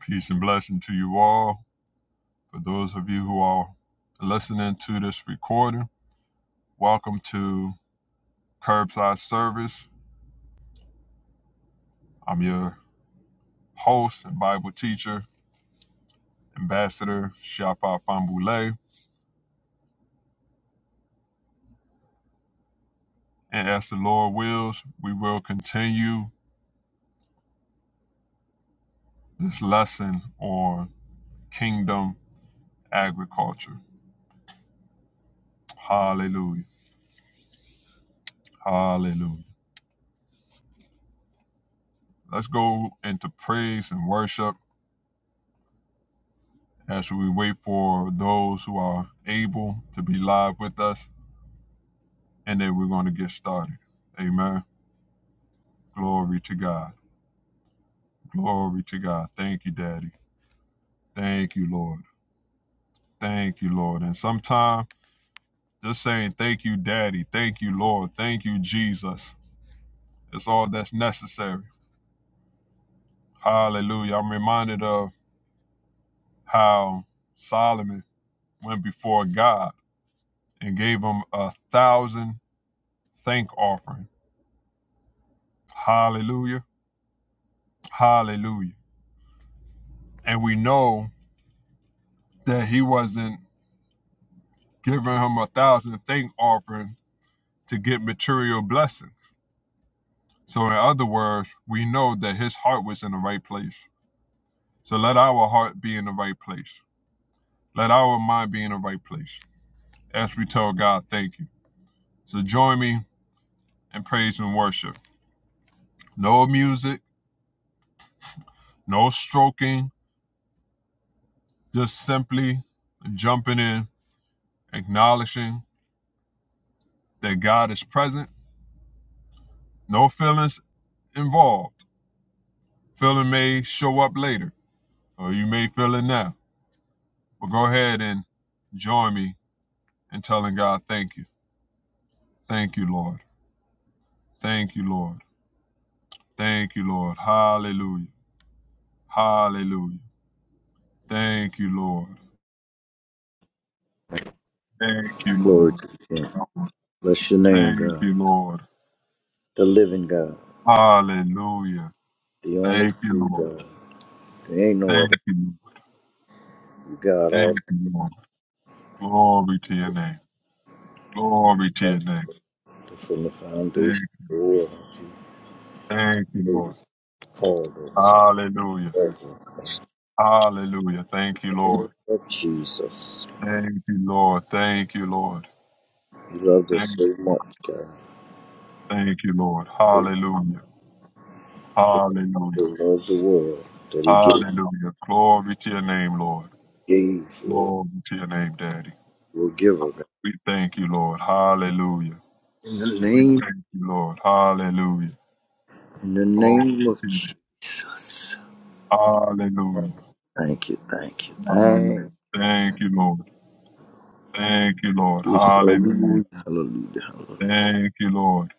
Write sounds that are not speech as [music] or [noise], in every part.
Peace and blessing to you all. For those of you who are listening to this recording, welcome to Curbside Service. I'm your host and Bible teacher, Ambassador Shafa Fambule. And as the Lord wills, we will continue this lesson on kingdom agriculture. Hallelujah. Hallelujah. Let's go into praise and worship as we wait for those who are able to be live with us and then we're going to get started. Amen. Glory to God. Glory to God. Thank you, Daddy. Thank you, Lord. Thank you, Lord. And sometimes just saying, Thank you, Daddy. Thank you, Lord. Thank you, Jesus. It's all that's necessary. Hallelujah. I'm reminded of how Solomon went before God and gave him a thousand thank offering. Hallelujah. Hallelujah. And we know that he wasn't giving him a thousand thank offering to get material blessings, So, in other words, we know that his heart was in the right place. So, let our heart be in the right place. Let our mind be in the right place as we tell God, thank you. So, join me in praise and worship. No music, no stroking, just simply jumping in, acknowledging that God is present. No feelings involved. Feeling may show up later, or you may feel it now. But go ahead and join me in telling God, thank you. Thank you, Lord. Thank you, Lord. Thank you, Lord. Hallelujah. Hallelujah. Thank you, Lord. Thank you, Glory Lord. to you. Bless your name, Thank God. you, Lord. The living God. Hallelujah. The only Thank you, true Lord. God. There ain't no other Thank you, Lord. true God. All Thank the you, Lord. Glory to your name. Glory to your God name. from the Thank, foundation of the world. thank you, You Lord. called us. Hallelujah. and Hallelujah. Thank you, loved us. Lord. Lord Jesus. Thank you, Lord. Thank you, Lord. You loved Thank us so you, Lord. much, God. Thank you, Lord. So Hallelujah. Hallelujah. so loved the world that he gave, Hallelujah. Glory to your name, Lord. gave Lord. Glory to your name, Daddy. Will give her, God. We thank you, Lord. Hallelujah. In the We name, thank you, Lord. Hallelujah. in the Glory name of to you. Jesus. Hallelujah. Thank you, thank you, Hallelujah. thank Thank you, Lord. Thank you, Lord. you. Hallelujah. Hallelujah, hallelujah, hallelujah. Thank you, Lord.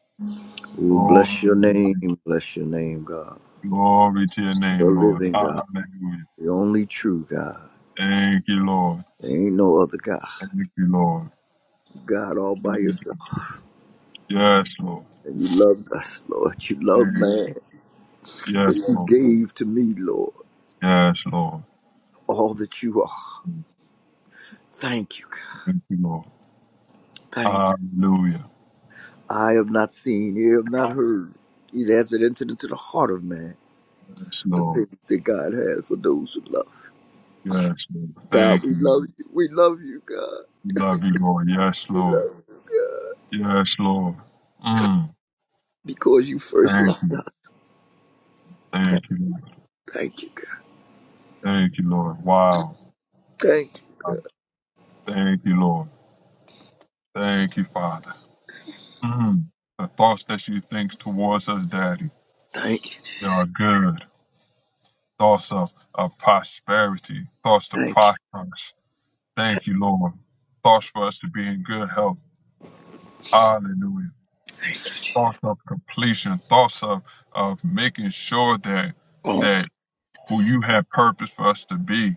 Oh, bless Glory your to you. name, bless your name, God. Glory to your The name, Lord. living God, Hallelujah. the only true God. Thank you, Lord. There ain't no other God. Thank you, Lord. God all Thank by yourself. you. Yes, Lord. And you loved us, Lord. You loved Thank man. you. Yes, That you Lord. gave to me, Lord, Yes, Lord. all that you are. Thank you, God. Thank you, Lord. Thank Hallelujah. you. I have not seen, ear have not heard. Neither has it entered into the heart of man. Yes, The Lord. things that God has for those who love. Yes, Lord. God, Thank we you. love you. We love you, God. We love you, Lord. Yes, We Lord. love you, God. Yes, Lord. Mm. Because you first Thank loved you. us. Thank Thank you, Lord. thank you, God. Thank you, Lord. Wow. Thank you. Uh, Thank you, Lord. Thank you, Father. Mm. The thoughts that you think towards us, Daddy, Thank you. they are good. Thoughts of, of prosperity, thoughts to Thank you. prosper us. Thank you, Lord. Thoughts for us to be in good health. Hallelujah. Thank you, Jesus. thoughts of completion, thoughts of of making sure that Thank that you. who you have purpose for us to be,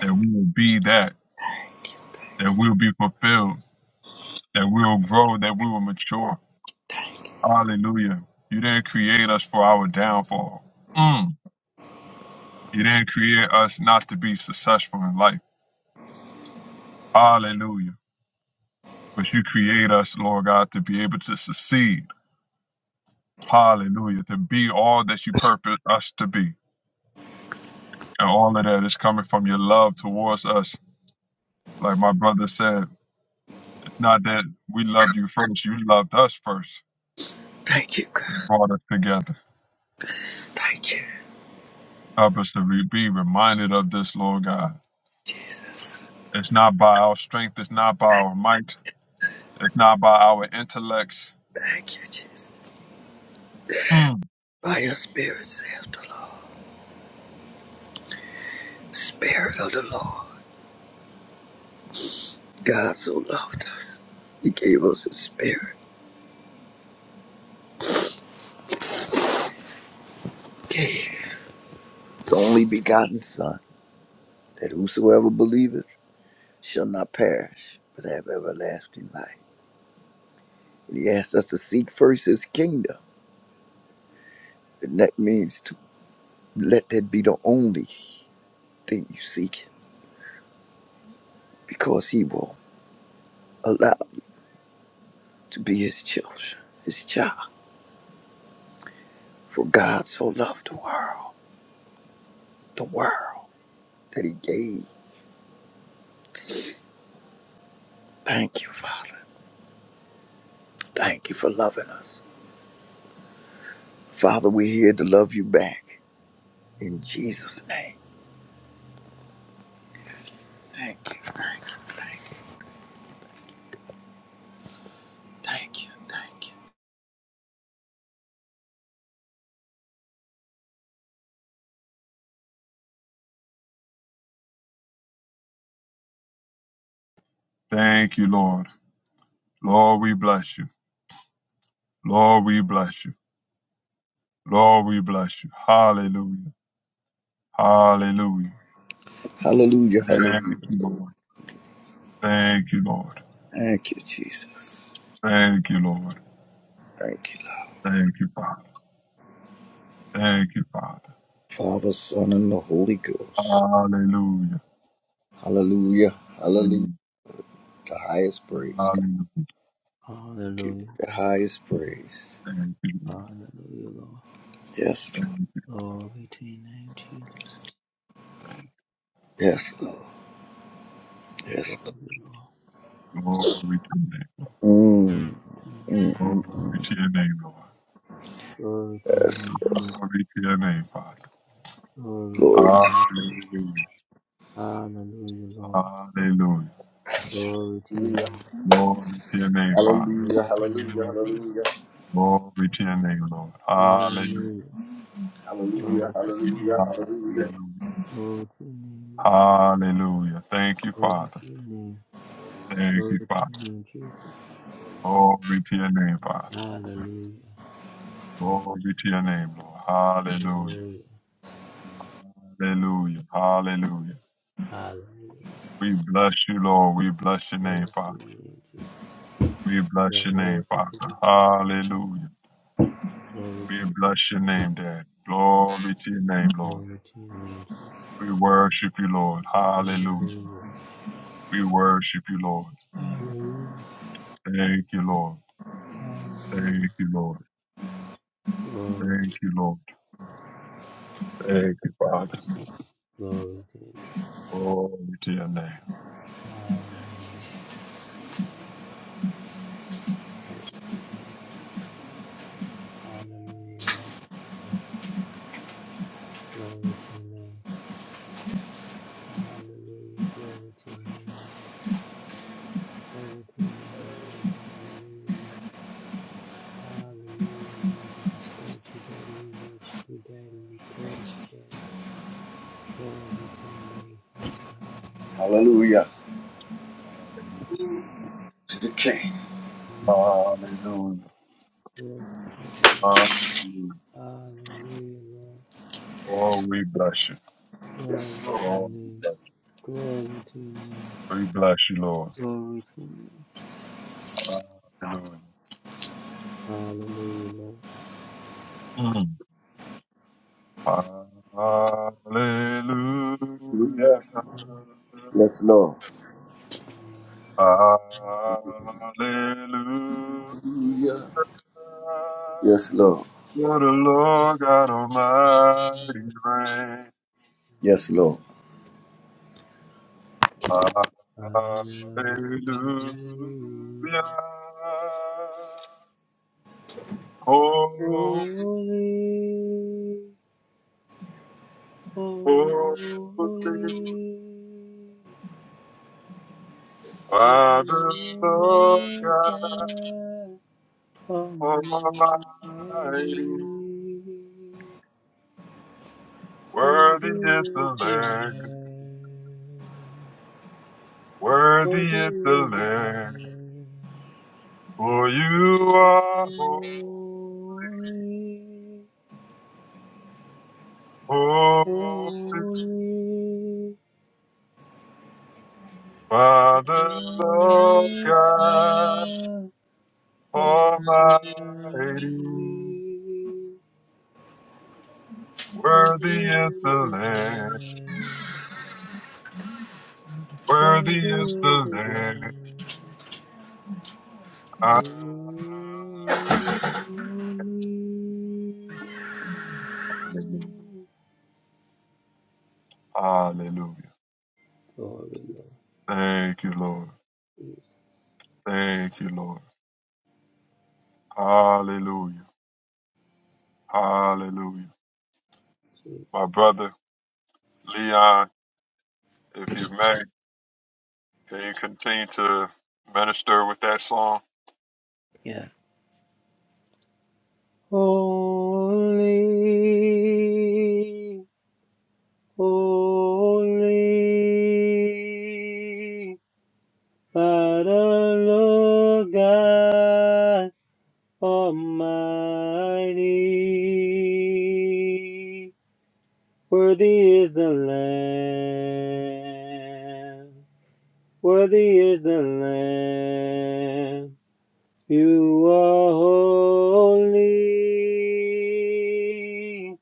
that we will be that, thank you. that we'll be fulfilled, that we'll grow, that we will mature. Thank you. Hallelujah. You didn't create us for our downfall. Mm. You didn't create us not to be successful in life. Hallelujah. But you create us, Lord God, to be able to succeed. Hallelujah. To be all that you purpose us to be. And all of that is coming from your love towards us Like my brother said, it's not that we loved you first, you loved us first. Thank you, It God. brought us together. Thank you, Help us to re- be reminded of this, Lord God. Jesus. It's not by our strength, it's not by our might, it's not by our intellects. Thank you, Jesus. Mm. By your spirit, saith the Lord. Spirit of the Lord. God so loved us. He gave us his spirit. He gave his only begotten Son, that whosoever believeth shall not perish, but have everlasting life. And he asked us to seek first his kingdom. And that means to let that be the only thing you seek because he will allow you to be his children, his child. For God so loved the world, the world that he gave. Thank you, Father. Thank you for loving us. Father, we're here to love you back. In Jesus' name. Thank you, thank you, thank you, thank you, thank you. Thank you, Lord. Lord, we bless you. Lord, we bless you. Lord, we bless you. Hallelujah. Hallelujah. Hallelujah, hallelujah. Thank you, Lord. Thank you, Lord. Thank you, Jesus. Thank you, Lord. Thank you, Lord. Thank you, Father. Thank you, Father. Father, Son, and the Holy Ghost. Hallelujah. Hallelujah, Hallelujah. hallelujah. The highest praise, God. Hallelujah. Give you Hallelujah. The highest praise. Thank you, Lord. Hallelujah, Lord. Yes, Thank you, Glory to your name, Jesus. thank Yes, Lord. Yes, Glory Lord. you. Glory to your name. Mm, to your mm, name. mm, Glory mm. to your name, Lord. Glory to your Yes. name, Jesus. Glory to your name, Father. Glory to Glory your name, Jesus. Hallelujah. Hallelujah, Lord. Hallelujah. Glory to your to name. Glory to your name, Father. Hallelujah, Glory to your hallelujah, name, Jesus. hallelujah, Glory to your name, Lord. Hallelujah. Hallelujah. Glory hallelujah, hallelujah, to your name. hallelujah, hallelujah, Glory to your Hallelujah. name, Lord. Hallelujah. Thank you, Glory to Father. your name. Thank Glory you, to Father. your name, Jesus. Glory to your name, Father. Hallelujah. Glory to your name, Lord. Hallelujah. Hallelujah. Hallelujah. Hallelujah. Hallelujah. We bless you, Lord. We bless your Glory name, to Father. your name, Jesus. We You bless your are name, worthy Father. to be. Hallelujah. Glory We bless your name, Dad. Glory to your name, to Lord. your name, Jesus. We worship you, Lord. Hallelujah. Hallelujah. We worship you, Lord. Hallelujah. Thank you, Lord. Hallelujah. Thank you, Lord. Glory to Thank you. you, Lord. Thank you, Father. Glory to you. Glory to your name. Hallelujah. Hallelujah. Hallelujah. Glory to your name. Hallelujah. Glory to your name. Glory to your name, Lord. Hallelujah. Hallelujah, Lord. We just thank you, Daddy. We worship you, Daddy. We praise you, Daddy. Glory to your name, Father. hallelujah to the King. Hallelujah. Hallelujah. Hallelujah. Glory to your name. Hallelujah. Hallelujah, Lord. Oh, we bless you. Glory Yes, Lord. to your Oh, we name. bless Glory to your name. you. We bless you, Lord. Glory to your name. Hallelujah. Hallelujah, Lord. Hallelujah. Hallelujah. Yes, Lord. Hallelujah. Hallelujah. Yes, Lord. For the Lord God Almighty reign. Yes, Lord. Hallelujah. Hallelujah. Hallelujah. Oh, Holy, oh, holy, holy by the Lord my God God Almighty, Almighty. Worthy worthy is the is the Lamb, Lamb. worthy Only is the Lamb, for you are holy, Father, Lord God Almighty. Worthy is the Lamb, worthy is the Lamb. Hallelujah. Hallelujah. God will Thank you, Lord. Thank you, Lord. Hallelujah. Hallelujah. My brother, Leon, if you may, can you continue to minister with that song? love. Holy, holy are the Lord God Almighty. Worthy is the Lamb. Worthy is the Lamb. You are holy.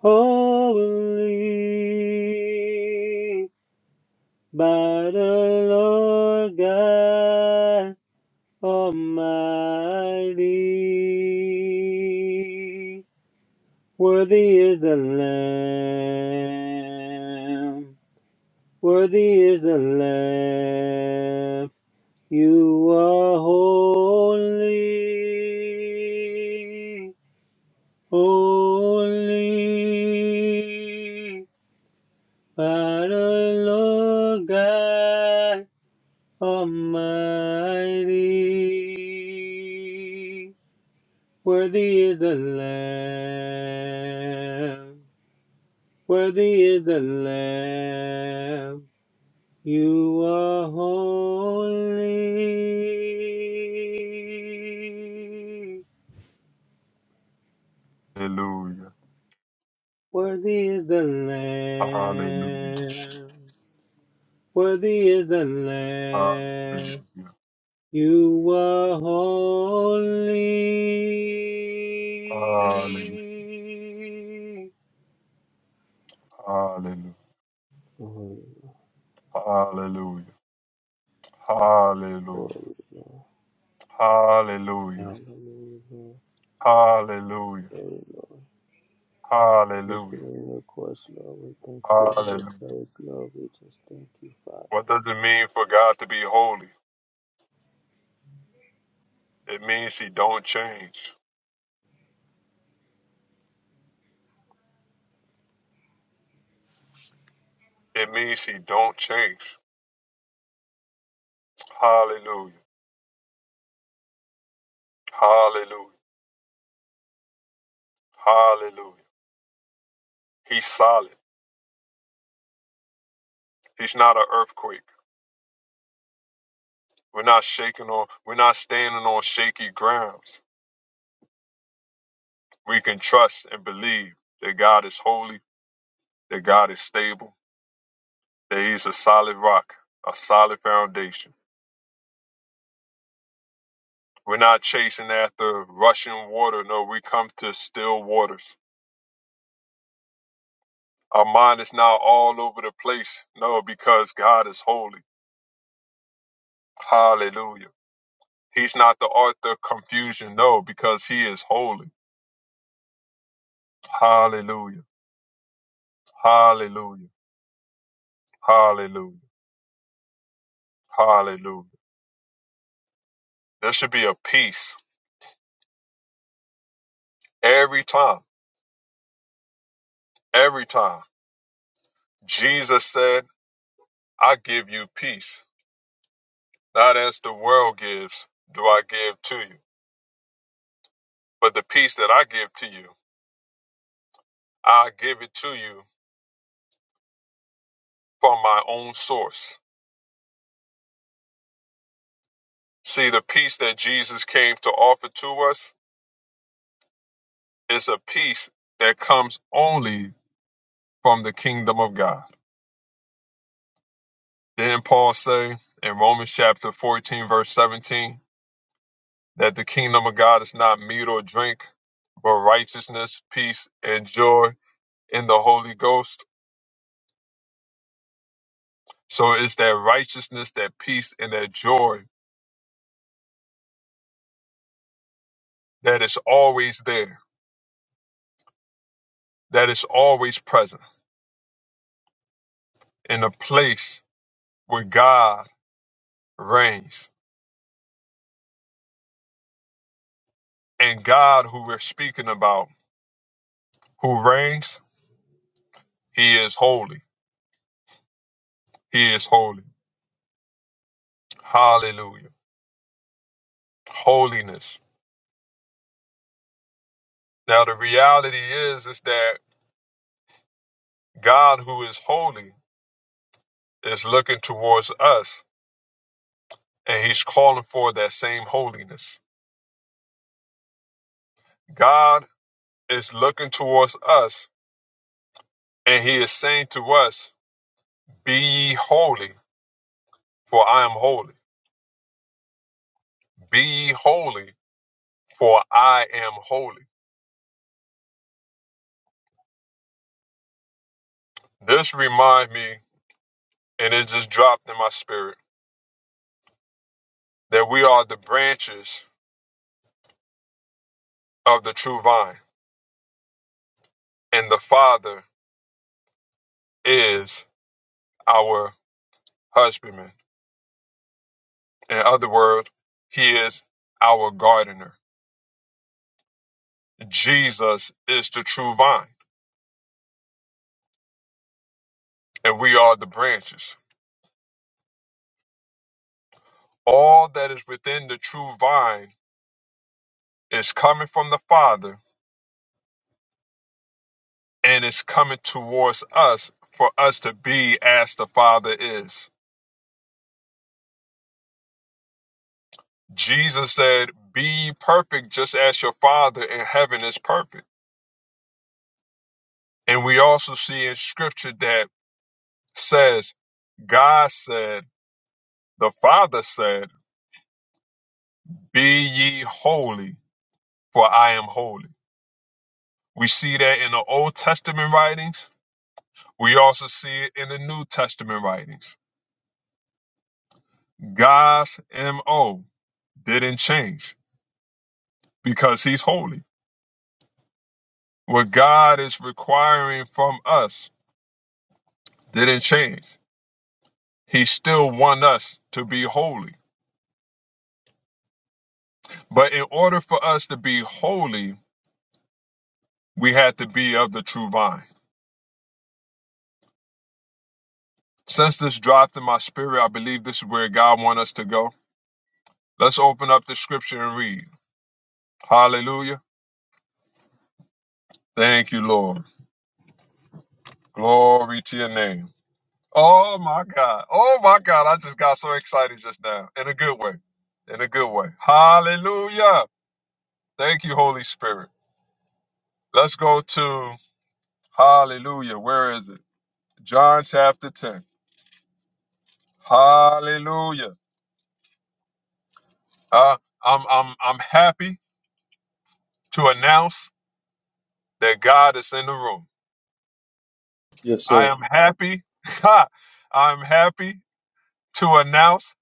Holy by the Lord God Almighty. Worthy is the Lamb. Worthy is the Lamb. You are holy. Holy. But the Lord God Almighty, worthy is the Lamb, worthy is the Lamb. You are holy. Hallelujah. Worthy is the Lamb. Hallelujah. Worthy is the Lamb. Hallelujah. You are holy. Hallelujah. Hallelujah. Holy, Hallelujah. Hallelujah. holy, Lord. Hallelujah. Hallelujah. Hallelujah. Holy Lord. Hallelujah. In your course, Lord, with thanksgiving and Hallelujah. praise, Lord. We just thank you, Father. What does it mean for God to be holy? It means he don't change. It means he don't change. Hallelujah. Hallelujah. Hallelujah. He's solid. He's not an earthquake. We're not shaking on, we're not standing on shaky grounds. We can trust and believe that God is holy, that God is stable, that He's a solid rock, a solid foundation. We're not chasing after rushing water. No, we come to still waters. Our mind is not all over the place. No, because God is holy. Hallelujah. He's not the author of confusion. No, because He is holy. Hallelujah. Hallelujah. Hallelujah. Hallelujah. There should be a peace every time. Every time. Jesus said, I give you peace. Not as the world gives, do I give to you. But the peace that I give to you, I give it to you from my own source. See, the peace that Jesus came to offer to us is a peace that comes only from the kingdom of God. Then Paul say in Romans chapter 14, verse 17? that the kingdom of God is not meat or drink, but righteousness, peace, and joy in the Holy Ghost. So it's that righteousness, that peace, and that joy that is always there, that is always present in a place where God reigns. And God, who we're speaking about, who reigns, he is holy. He is holy. Hallelujah. Holiness. Now, the reality is, is that God, who is holy, is looking towards us and he's calling for that same holiness. God is looking towards us and he is saying to us, Be ye holy, for I am holy. Be ye holy, for I am holy. This reminds me, and it just dropped in my spirit, that we are the branches of the true vine, and the Father is our husbandman. In other words, he is our gardener Jesus is the true vine, and we are the branches. All that is within the true vine is coming from the Father and is coming towards us for us to be as the Father is. Jesus said, Be ye perfect just as your Father in heaven is perfect. And we also see in scripture that says, God said, the Father said, Be ye holy, for I am holy. We see that in the Old Testament writings We also see it in the New Testament writings. God's MO didn't change because he's holy. What God is requiring from us didn't change. He still wants us to be holy. But in order for us to be holy, we had to be of the true vine. Since this dropped in my spirit, I believe this is where God wants us to go. Let's open up the scripture and read. Hallelujah. Thank you, Lord. Glory to your name. Oh my God. Oh my God. I just got so excited just now in a good way. In a good way. Hallelujah. Thank you, Holy Spirit. Let's go to Hallelujah. Where is it? John chapter 10. Hallelujah. Uh, I'm, I'm, I'm happy to announce that God is in the room. Yes, I sir. am happy. [laughs] I'm happy to announce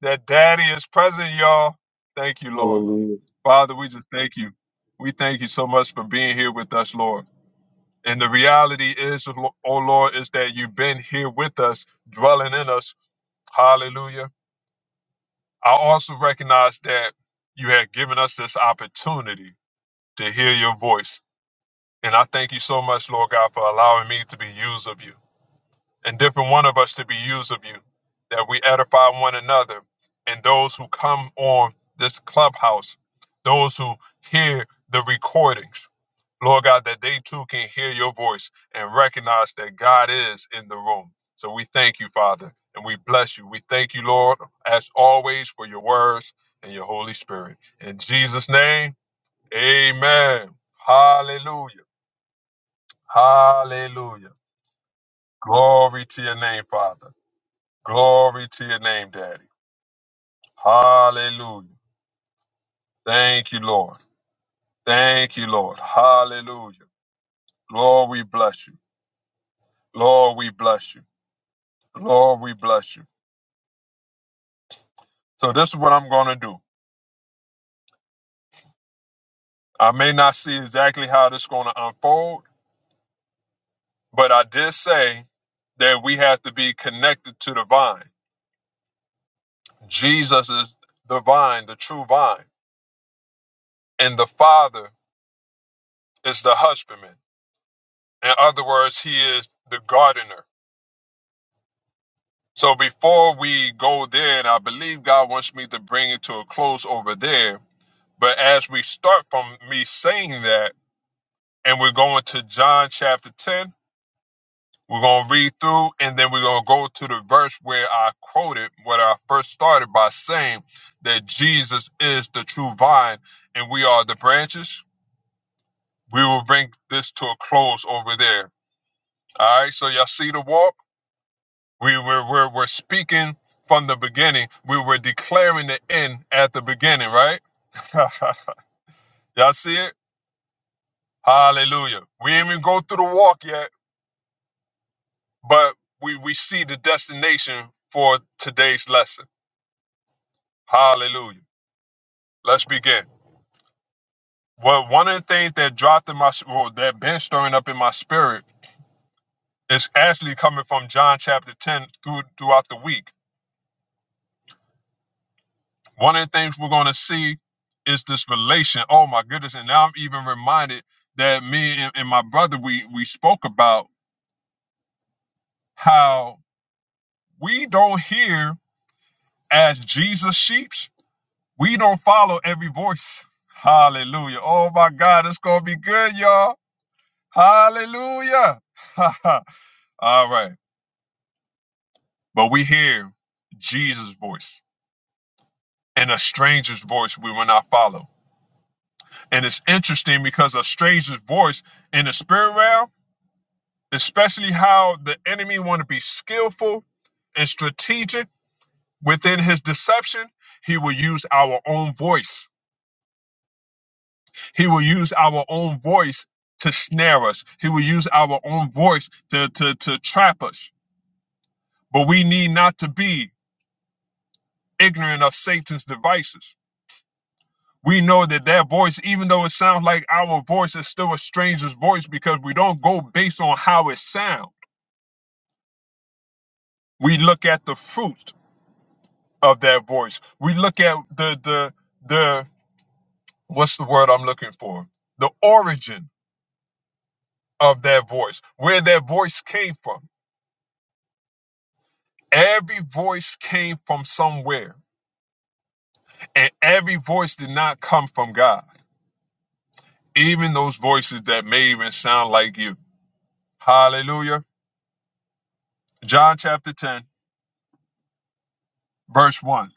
that Daddy is present, y'all. Thank you, Lord. Hallelujah. Father, we just thank you. We thank you so much for being here with us, Lord. And the reality is, oh Lord, is that you've been here with us, dwelling in us. Hallelujah. I also recognize that you have given us this opportunity to hear your voice. And I thank you so much, Lord God, for allowing me to be used of you and different one of us to be used of you, that we edify one another and those who come on this clubhouse, those who hear the recordings Lord God, that they too can hear your voice and recognize that God is in the room. So we thank you, Father, and we bless you. We thank you, Lord, as always, for your words and your Holy Spirit. In Jesus' name, amen. Hallelujah. Hallelujah. Glory to your name, Father. Glory to your name, Daddy. Hallelujah. Thank you, Lord. Thank you, Lord. Hallelujah. Lord, we bless you. Lord, we bless you. Lord, we bless you. So this is what I'm going to do. I may not see exactly how this is going to unfold, but I did say that we have to be connected to the vine. Jesus is the vine, the true vine, and the Father is the husbandman. In other words, he is the gardener. So before we go there, and I believe God wants me to bring it to a close over there, but as we start from me saying that, and we're going to John chapter 10, We're going to read through and then we're going to go to the verse where I quoted what I first started by saying that Jesus is the true vine and we are the branches. We will bring this to a close over there. All right. So y'all see the walk? We were, we're, we're speaking from the beginning. We were declaring the end at the beginning, right? [laughs] y'all see it? Hallelujah. We ain't even go through the walk yet, but we, we see the destination for today's lesson. Hallelujah. Let's begin. Well, one of the things that dropped in my, well, that been stirring up in my spirit is actually coming from John chapter 10 through, throughout the week. One of the things we're going to see is this relation. Oh my goodness. And now I'm even reminded that me and, and my brother, we, we spoke about how we don't hear as Jesus sheeps. We don't follow every voice. Hallelujah. Oh my God. It's going to be good, y'all. Hallelujah. [laughs] All right. But we hear Jesus' voice. And a stranger's voice we will not follow. And it's interesting because a stranger's voice in the spirit realm, especially how the enemy want to be skillful and strategic within his deception, he will use our own voice. He will use our own voice to snare us. He will use our own voice to, to, to trap us. But we need not to be ignorant of Satan's devices we know that that voice, even though it sounds like our voice, is still a stranger's voice because we don't go based on how it sounds. We look at the fruit of that voice. We look at the the the what's the word I'm looking for? The origin of that voice, where that voice came from. Every voice came from somewhere, and every voice did not come from God. Even those voices that may even sound like you. Hallelujah. John chapter 10, verse 1.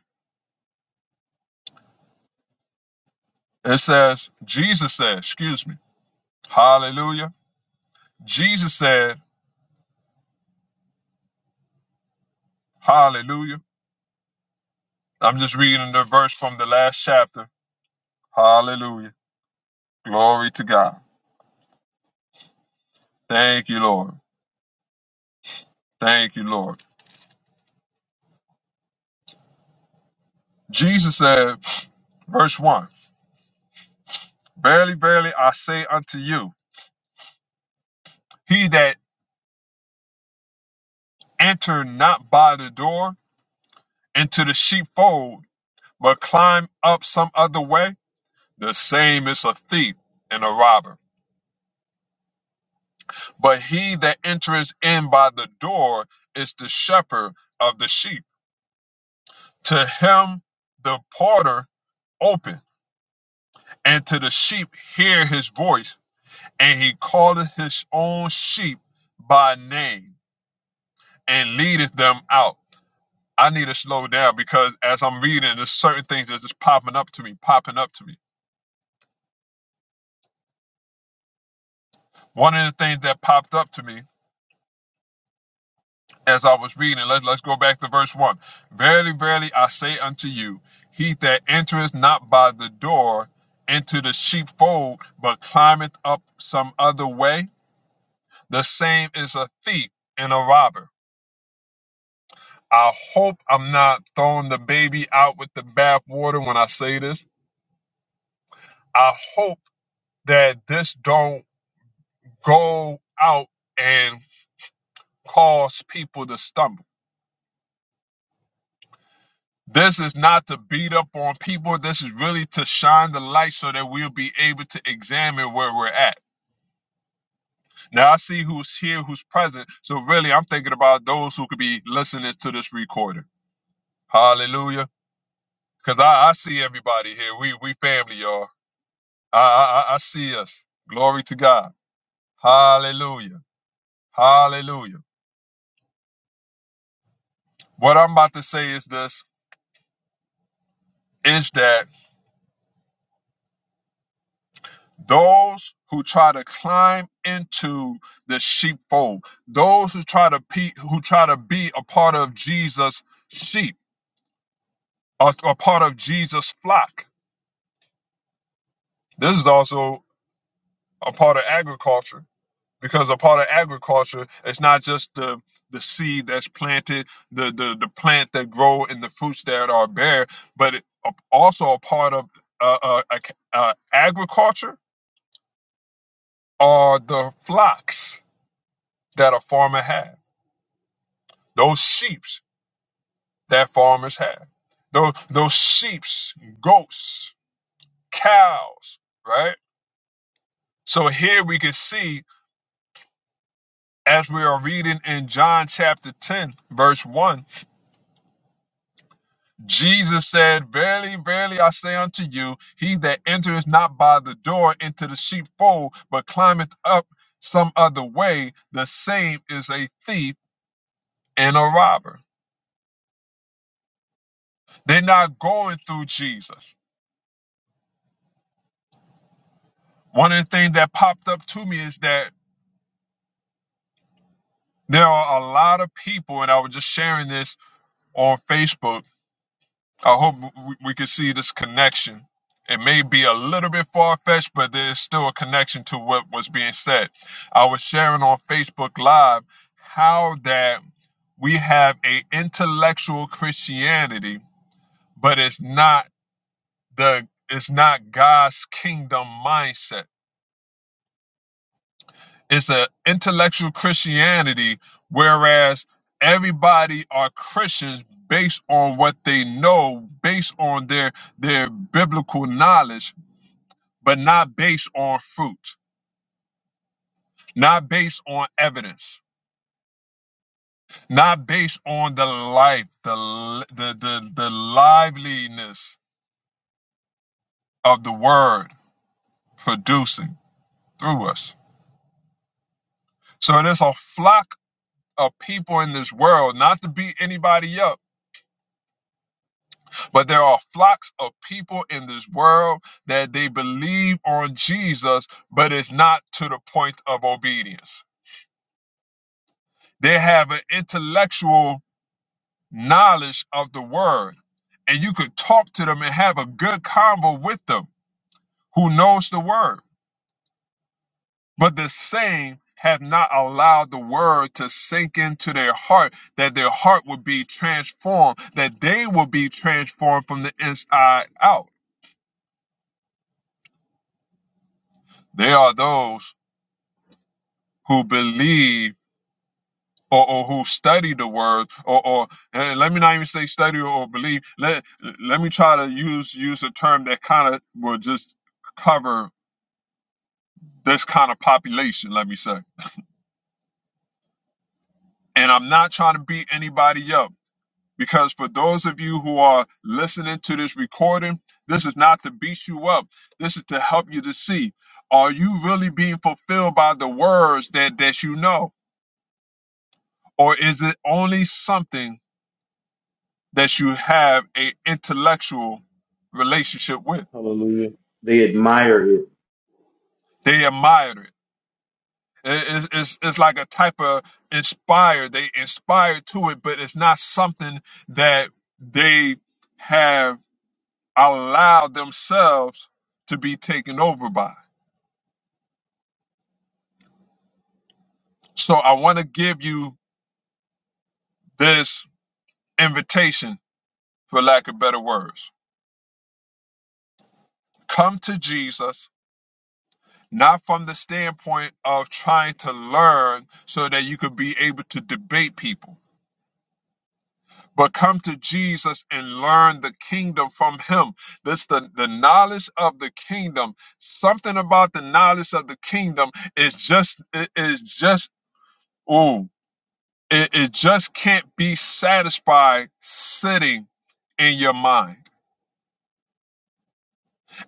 It says, Jesus said, excuse me, hallelujah. Jesus said, hallelujah. I'm just reading the verse from the last chapter. Hallelujah. Glory to God. Thank you, Lord. Thank you, Lord. Jesus said, verse 1 Verily, verily, I say unto you, he that enter not by the door into the sheepfold, but climb up some other way, the same is a thief and a robber. But he that entereth in by the door is the shepherd of the sheep. To him the porter open, and to the sheep hear his voice, and he calleth his own sheep by name and leadeth them out. I need to slow down because as I'm reading, there's certain things that's just popping up to me, popping up to me. One of the things that popped up to me as I was reading. Let's, let's go back to verse 1. Verily, verily, I say unto you, he that entereth not by the door into the sheepfold, but climbeth up some other way, the same is a thief and a robber. I hope I'm not throwing the baby out with the bathwater when I say this. I hope that this don't go out and cause people to stumble. This is not to beat up on people. This is really to shine the light so that we'll be able to examine where we're at. Now, I see who's here, who's present. So, really, I'm thinking about those who could be listening to this recording. Hallelujah. Because I, I see everybody here. We, we family, y'all. I, I, I I see us. Glory to God. Hallelujah. Hallelujah. What I'm about to say is this is that those who try to climb into the sheepfold, those who try to pe- who try to be a part of Jesus' sheep, a, a part of Jesus' flock. This is also a part of agriculture because a part of agriculture is not just the the seed that's planted, the the the plant that grow and the fruits that are bare, but it, a- also a part of uh, uh, ac- uh, agriculture are the flocks that a farmer has Those sheeps that farmers have. Those those sheeps, goats, cows, right? So here we can see as we are reading in John chapter 10, verse 1, Jesus said, Verily, verily, I say unto you, he that entereth not by the door into the sheepfold, but climbeth up some other way, the same is a thief and a robber. They're not going through Jesus. One of the things that popped up to me is that there are a lot of people, and I was just sharing this on Facebook. I hope we, we can see this connection. It may be a little bit far fetched, but there's still a connection to what was being said. I was sharing on Facebook Live how that we have a intellectual Christianity, but it's not the it's not God's kingdom mindset It's an intellectual Christianity, whereas everybody are Christians based on what they know, based on their their biblical knowledge, but not based on fruit, not based on evidence, not based on the life, the the the, the liveliness of the word producing through us. So there's a flock of people in this world, not to beat anybody up But there are flocks of people in this world that they believe on Jesus, but it's not to the point of obedience. They have an intellectual knowledge of the word, and you could talk to them and have a good convo with them who knows the word. But the same have not allowed the word to sink into their heart, that their heart would be transformed, that they will be transformed from the inside out. They are those who believe or, or who study the word or, or eh, let me not even say study or believe let let me try to use use a term that kind of will just cover this kind of population let me say and i'm not trying to beat anybody up because for those of you who are listening to this recording this is not to beat you up this is to help you to see are you really being fulfilled by the words that that you know or is it only something that you have a intellectual relationship with. Hallelujah. They admire it. They admired it. It- It's, it's, it's like a type of inspired. They inspired to it, but it's not something that they have allowed themselves to be taken over by. So I want to give you this invitation, for lack of better words. Come to Jesus, not from the standpoint of trying to learn so that you could be able to debate people but come to Jesus and learn the kingdom from him. This the, the knowledge of the kingdom. Something about the knowledge of the kingdom is just it is just ooh, it, it just can't be satisfied sitting in your mind.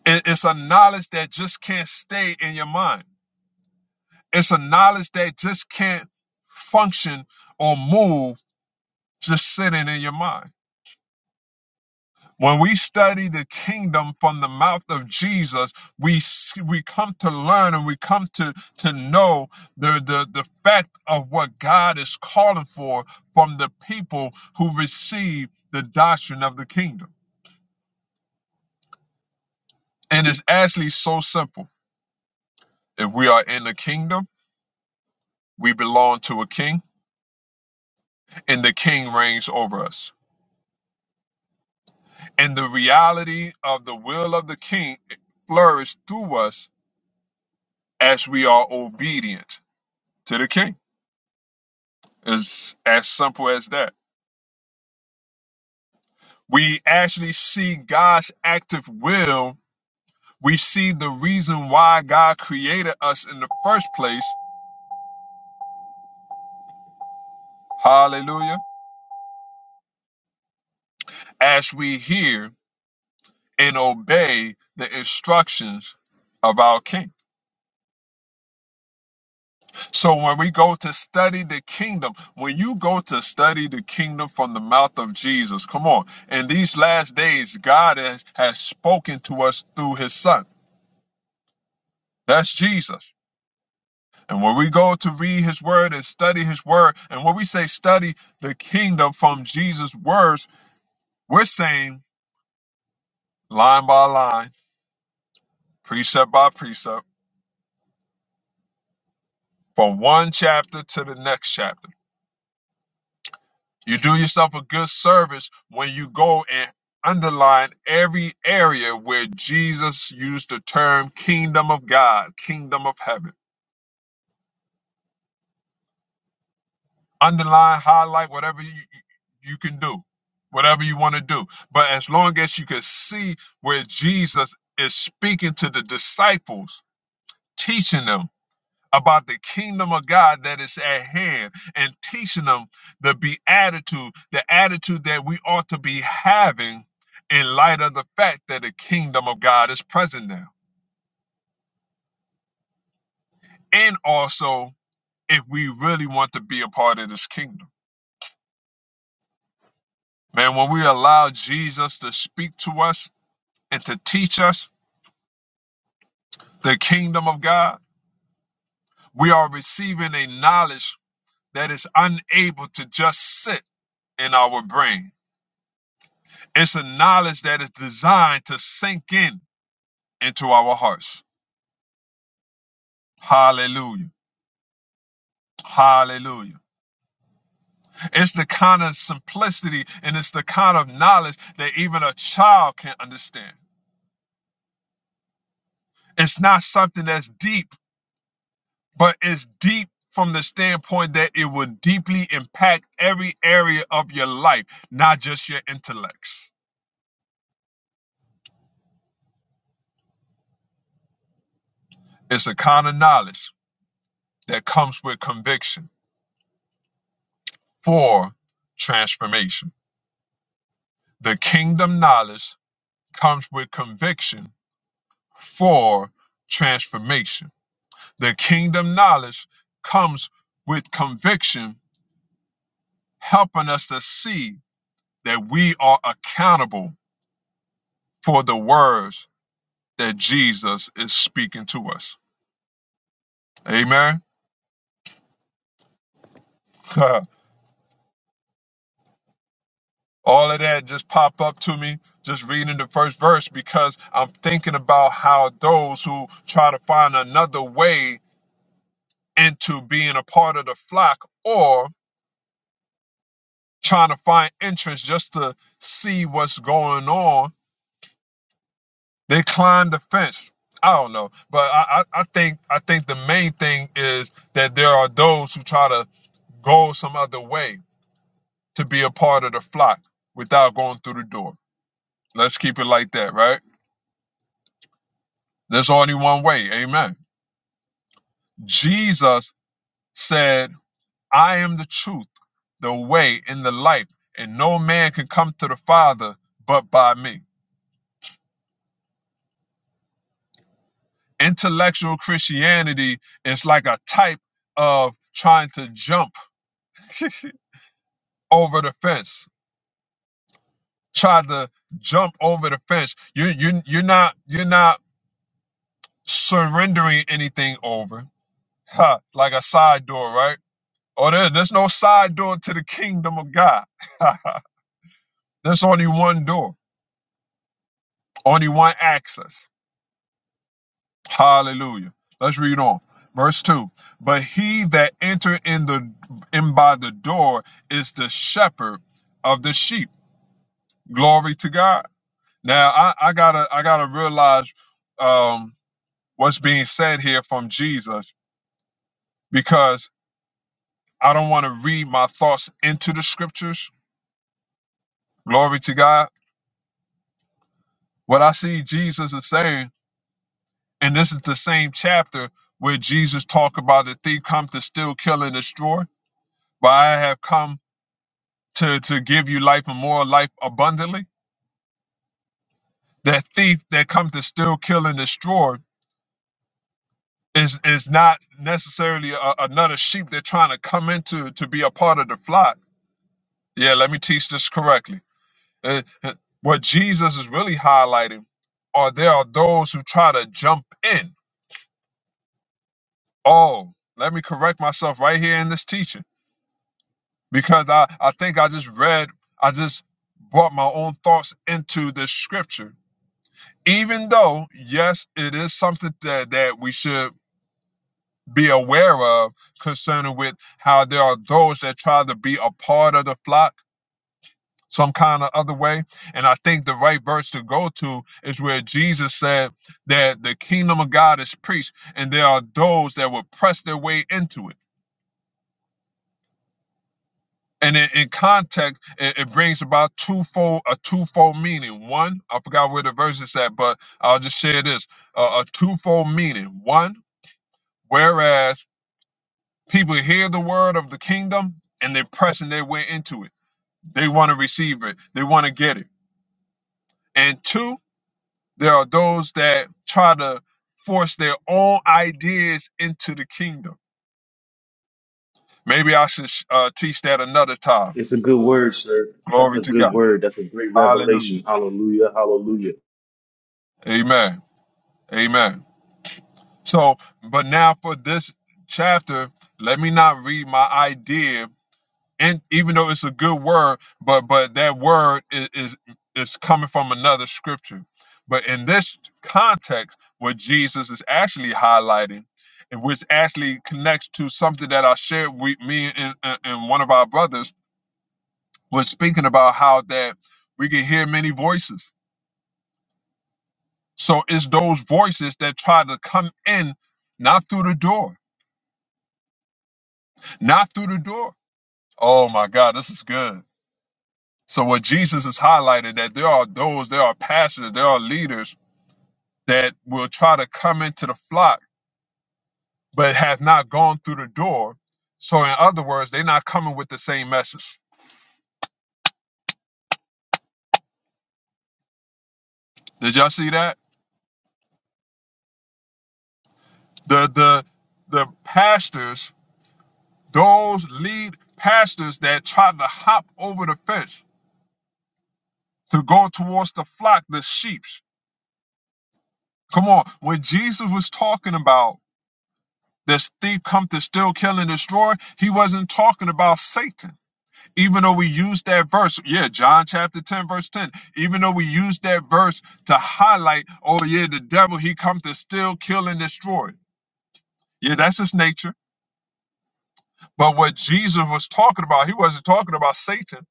It- it's a knowledge that just can't stay in your mind. It's a knowledge that just can't function or move just sitting in your mind When we study the kingdom from the mouth of Jesus, we s- we come to learn and we come to to know the the the fact of what God is calling for from the people who receive the doctrine of the kingdom. And it's actually so simple. If we are in the kingdom, we belong to a king, and the king reigns over us. And the reality of the will of the king flourishes through us as we are obedient to the king. It's as simple as that. We actually see God's active will. We see the reason why God created us in the first place. Hallelujah. As we hear and obey the instructions of our King. So when we go to study the kingdom, when you go to study the kingdom from the mouth of Jesus, come on. In these last days, God has, has spoken to us through his son. That's Jesus. And when we go to read his word and study his word, and when we say study the kingdom from Jesus' words, we're saying line by line, precept by precept, from one chapter to the next chapter. You do yourself a good service when you go and underline every area where Jesus used the term kingdom of God, kingdom of heaven. underline, highlight, whatever you, you can do, whatever you want to do. But as long as you can see where Jesus is speaking to the disciples, teaching them about the kingdom of God that is at hand and teaching them the beatitude, the attitude that we ought to be having in light of the fact that the kingdom of God is present now. And also, if we really want to be a part of this kingdom, man, when we allow Jesus to speak to us, and to teach us the kingdom of God, we are receiving a knowledge that is unable to just sit in our brain. It's a knowledge that is designed to sink in into our hearts. Hallelujah. Hallelujah. It's the kind of simplicity and it's the kind of knowledge that even a child can understand. It's not something that's deep but it's deep from the standpoint that it will deeply impact every area of your life, not just your intellects. It's a kind of knowledge that comes with conviction for transformation. The kingdom knowledge comes with conviction for transformation. The kingdom knowledge comes with conviction, helping us to see that we are accountable for the words that Jesus is speaking to us. Amen. [laughs] All of that just pop up to me just reading the first verse because I'm thinking about how those who try to find another way into being a part of the flock or trying to find entrance just to see what's going on, they climb the fence. I don't know, but I, I, I think I think the main thing is that there are those who try to go some other way to be a part of the flock without going through the door. Let's keep it like that, right? There's only one way. Amen. Jesus said, I am the truth, the way, and the life, and no man can come to the Father but by me. Intellectual Christianity is like a type of trying to jump over the fence. Try to jump over the fence. You you you're not you're not surrendering anything over. Ha, like a side door, right? Oh, there, there's no side door to the kingdom of God. [laughs] there's only one door, only one access. Hallelujah. Let's read on. Verse 2. But he that enter in the in by the door is the shepherd of the sheep. Glory to God. Now I, I gotta I gotta realize um what's being said here from Jesus because I don't want to read my thoughts into the scriptures. Glory to God. What I see Jesus is saying And this is the same chapter where Jesus talked about the thief comes to steal, kill, and destroy. But I have come to, to give you life and more life abundantly. That thief that comes to steal, kill, and destroy is is not necessarily a, another sheep they're trying to come into to be a part of the flock. Yeah, let me teach this correctly. Uh, uh, what Jesus is really highlighting are there are those who try to jump in. Oh, let me correct myself right here in this teaching because I, I think I just read, I just brought my own thoughts into the scripture. Even though, yes, it is something that, that we should be aware of concerning with how there are those that try to be a part of the flock some kind of other way. And I think the right verse to go to is where Jesus said that the kingdom of God is preached and there are those that will press their way into it. And in, in context, it, it brings about twofold a twofold meaning. One, I forgot where the verse is at, but I'll just share this: uh, a twofold meaning. One, whereas people hear the word of the kingdom and they're pressing their way into it, they want to receive it, they want to get it. And two, there are those that try to force their own ideas into the kingdom. Maybe I should uh, teach that another time. It's a good word, sir. That's Glory a to good God. word. That's a great Hallelujah. revelation. Hallelujah. Hallelujah. Amen. Amen. So, but now for this chapter, let me not read my idea, and even though it's a good word, but but that word is is, is coming from another scripture. But in this context, what Jesus is actually highlighting, and which actually connects to something that I shared with me and, and and one of our brothers, was speaking about how that we can hear many voices. So it's those voices that try to come in, not through the door, not through the door. Oh my God, this is good. So what Jesus has highlighted that there are those, there are pastors, there are leaders that will try to come into the flock, but have not gone through the door. So in other words, they're not coming with the same message. Did y'all see that? The the the pastors, those lead pastors that try to hop over the fence to go towards the flock, the sheep. Come on. When Jesus was talking about This thief come to steal, kill, and destroy. He wasn't talking about Satan. Even though we use that verse, yeah, John chapter 10, verse 10. Even though we use that verse to highlight, oh yeah, the devil, he come to steal, kill, and destroy. Yeah, that's his nature. But what Jesus was talking about, he wasn't talking about Satan.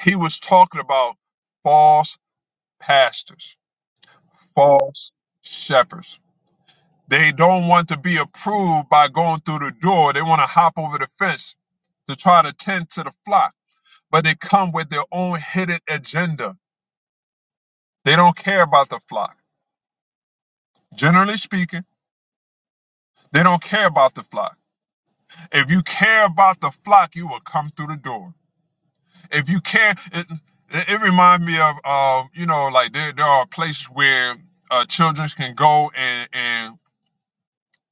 He was talking about false pastors, false shepherds. They don't want to be approved by going through the door. They want to hop over the fence to try to tend to the flock, but they come with their own hidden agenda. They don't care about the flock. Generally speaking, they don't care about the flock. If you care about the flock, you will come through the door. If you care, it, it, it reminds me of, uh, you know, like there, there are places where uh, children can go and, and,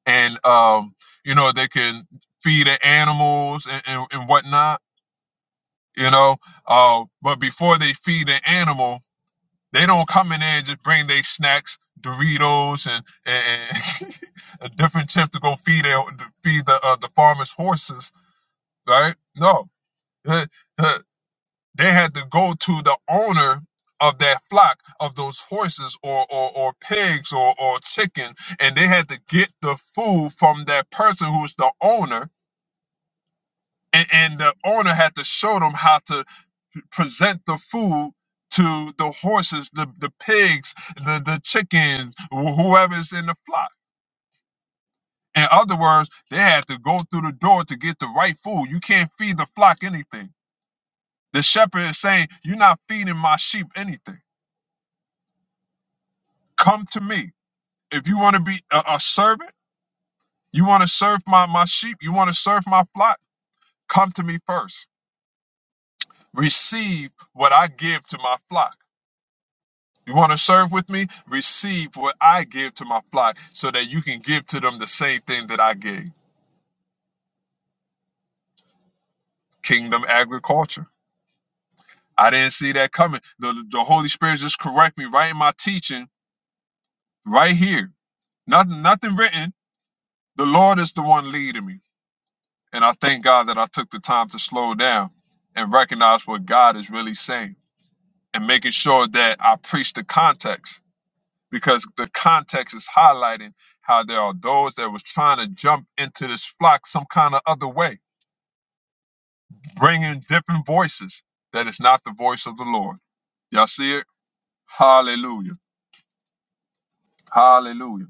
and, um, you know, they can feed the animals and, and, and whatnot you know. Uh, but before they feed an animal, they don't come in there and just bring their snacks, Doritos and and, [laughs] and different chips to go feed their, to feed the uh, the farmers' horses, right? No, Uh, uh, they had to go to the owner of that flock of those horses or or, or pigs or, or chicken, and they had to get the food from that person who's the owner. And, and the owner had to show them how to present the food to the horses, the, the pigs, the, the chickens, wh- whoever's in the flock. In other words, they had to go through the door to get the right food. You can't feed the flock anything. The shepherd is saying, You're not feeding my sheep anything. Come to me. If you want to be a, a servant, you want to serve my, my sheep, you want to serve my flock, come to me first. Receive what I give to my flock. You want to serve with me? Receive what I give to my flock so that you can give to them the same thing that I gave. Kingdom agriculture. I didn't see that coming. The, the Holy Spirit just correct me right in my teaching, right here. Nothing, nothing written. The Lord is the one leading me. And I thank God that I took the time to slow down and recognize what God is really saying and making sure that I preach the context because the context is highlighting how there are those that was trying to jump into this flock some kind of other way, bringing different voices that is not the voice of the Lord. Y'all see it? Hallelujah. Hallelujah.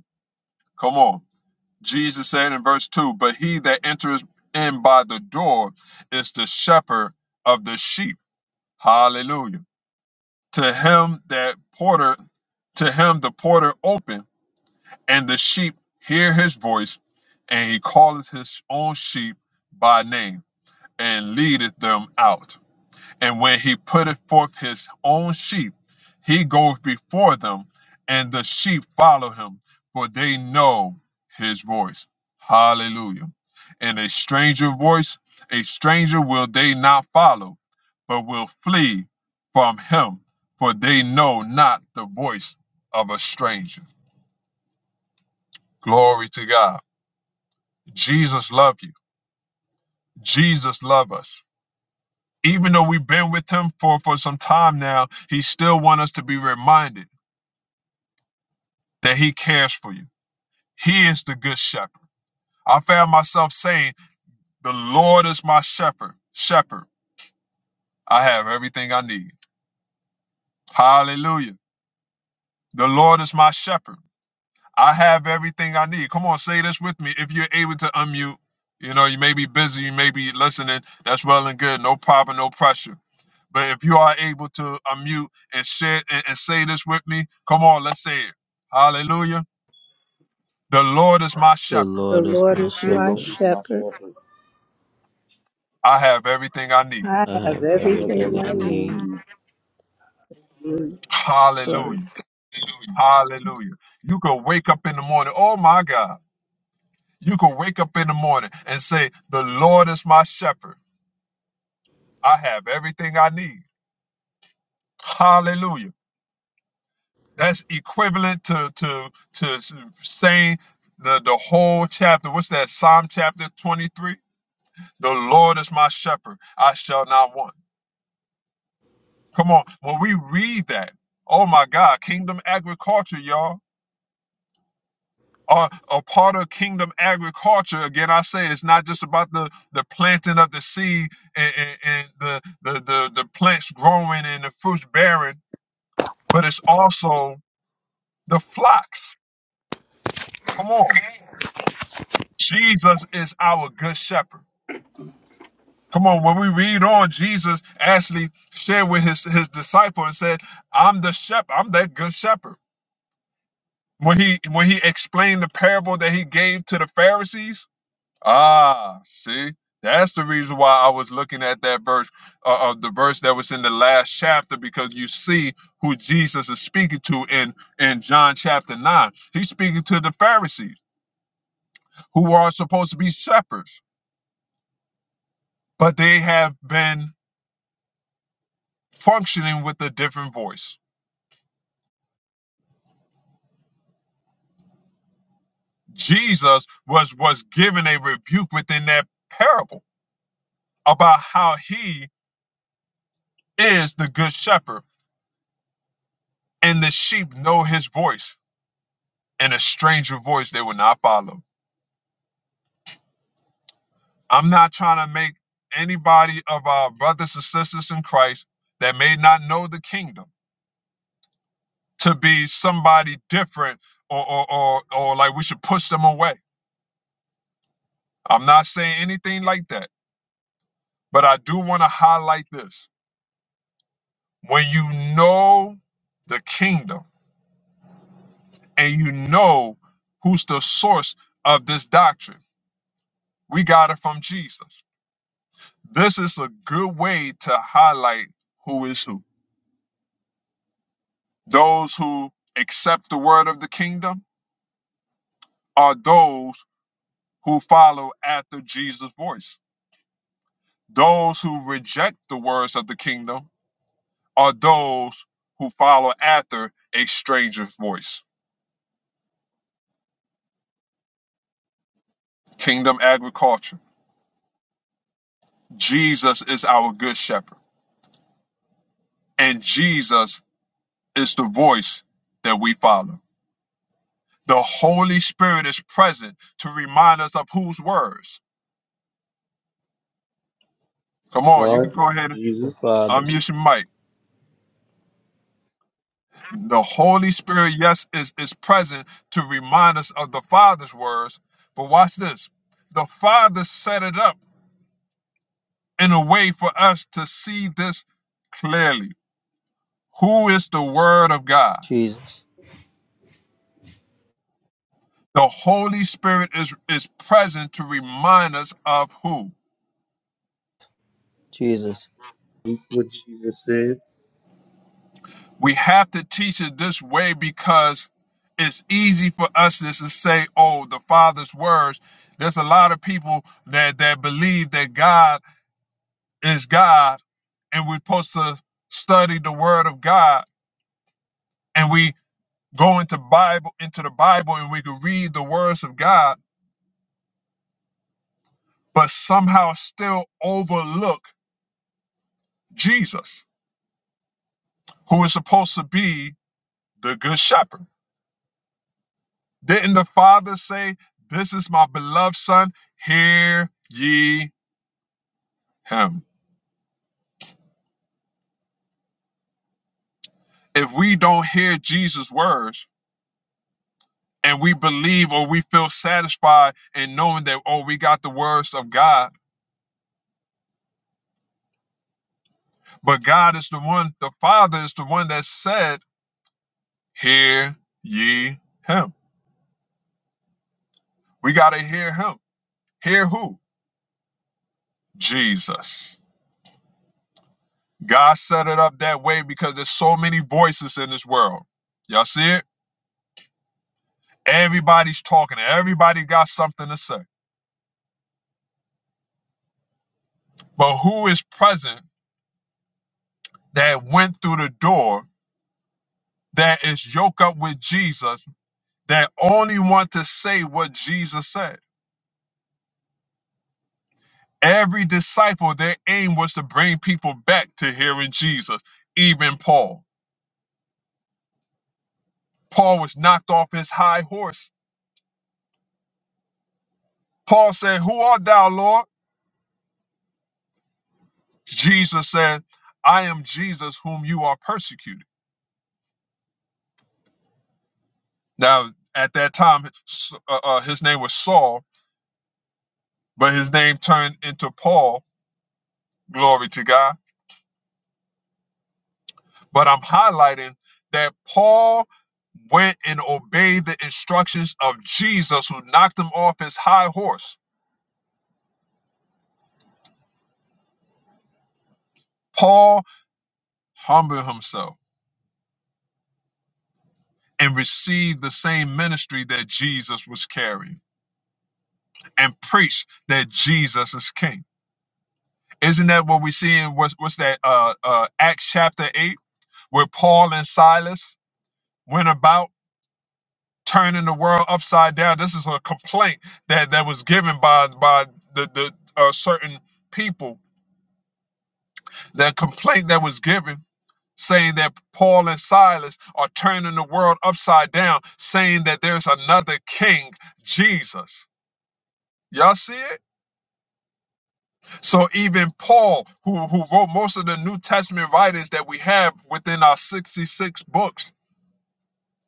Come on. Jesus said in verse 2 But he that enters in by the door is the shepherd of the sheep. Hallelujah. To him that porter, to him the porter open And the sheep hear his voice, and he calleth his own sheep by name, and leadeth them out. And when he putteth forth his own sheep, he goeth before them, and the sheep follow him, for they know his voice. Hallelujah. And a stranger voice, a stranger will they not follow, but will flee from him, for they know not the voice of a stranger. Glory to God. Jesus love you. Jesus love us. Even though we've been with him for, for some time now, he still want us to be reminded that he cares for you. He is the good shepherd. I found myself saying, the Lord is my shepherd. Shepherd, I have everything I need. Hallelujah. The Lord is my shepherd. I have everything I need. Come on, say this with me. If you're able to unmute, you know, you may be busy, you may be listening. That's well and good. No problem, no pressure. But if you are able to unmute and share and, and say this with me, come on, let's say it. Hallelujah. The Lord is my The shepherd. The Lord is Lord my is The my Lord shepherd. is my shepherd. shepherd. I have everything I need. I I have have I have everything everything everything I I I need. need. need. Mm. Glory. Hallelujah. Hallelujah. You could wake up in the morning. Oh my God. You could wake up in the morning and say, The Lord is my shepherd. I have everything I need. Hallelujah. That's equivalent to to to saying the, the whole chapter. What's that? Psalm chapter 23. The Lord is my shepherd, I shall not want. Come on, when we read that, oh my God, kingdom agriculture, y'all. Are a part of kingdom agriculture. Again, I say it's not just about the, the planting of the seed and, and, and the, the, the, the plants growing and the fruits bearing, but it's also the flocks. Come on. Jesus is our good shepherd. Come on, when we read on, Jesus actually shared with his, his disciple and said, I'm the shepherd, I'm that good shepherd. When he when he explained the parable that he gave to the Pharisees, ah, see, that's the reason why I was looking at that verse uh, of the verse that was in the last chapter because you see who Jesus is speaking to in in John chapter nine. He's speaking to the Pharisees who are supposed to be shepherds, but they have been functioning with a different voice. Jesus was was given a rebuke within that parable about how he is the good shepherd And the sheep know his voice, and a stranger voice they will not follow. I'm not trying to make anybody of our brothers and sisters in Christ that may not know the kingdom to be somebody different or, or, or, or like we should push them away. I'm not saying anything like that, but I do want to highlight this. When you know the kingdom and you know who's the source of this doctrine, we got it from Jesus. This is a good way to highlight who is who. Those who accept the word of the kingdom are those who follow after Jesus' voice. Those who reject the words of the kingdom are those who follow after a stranger's voice. Kingdom agriculture. Jesus is our good shepherd, and Jesus is the voice that we follow. The Holy Spirit is present to remind us of whose words. Come on, you God, can go ahead The Jesus, Father's. Unmute your mic. The Holy Spirit, yes, is, is present to remind us of the Father's words. But watch this. The Father set it up in a way for us to see this clearly. Who is the Word of God? Jesus. The Holy Spirit is, is present to remind us of who. Jesus. eat what Jesus said. We have to teach it this way because it's easy for us just to say, oh, the Father's words. There's a lot of people that, that believe that God is God, and we're supposed to study the Word of God, and we go into Bible into the Bible, and we can read the words of God, but somehow still overlook Jesus, who is supposed to be the Good Shepherd. Didn't the Father say, "This is my beloved Son; hear ye him"? If we don't hear Jesus' words, and we believe or we feel satisfied in knowing that, oh, we got the words of God But God is the one, the Father is the one that said, Hear ye him. We got to hear him. Hear who? Jesus. God set it up that way because there's so many voices in this world. Y'all see it? Everybody's talking, everybody got something to say. But who is present that went through the door, that is yoked up with Jesus, that only want to say what Jesus said? Every disciple, their aim was to bring people back to hearing Jesus, even Paul. Paul was knocked off his high horse. Paul said, Who art thou, Lord? Jesus said, I am Jesus whom you are persecuted. Now, at that time, S- uh, uh, his name was Saul, but his name turned into Paul. Glory to God. But I'm highlighting that Paul went and obeyed the instructions of Jesus, who knocked him off his high horse. Paul humble himself and receive the same ministry that Jesus was carrying and preach that Jesus is king. Isn't that what we see in what's, what's that uh, uh, Acts chapter 8 where Paul and Silas went about turning the world upside down? This is a complaint that, that was given by by the, the uh, certain people. That complaint that was given saying that Paul and Silas are turning the world upside down, saying that there's another king, Jesus. Y'all see it? So even Paul, who, who wrote most of the New Testament writings that we have within our 66 books,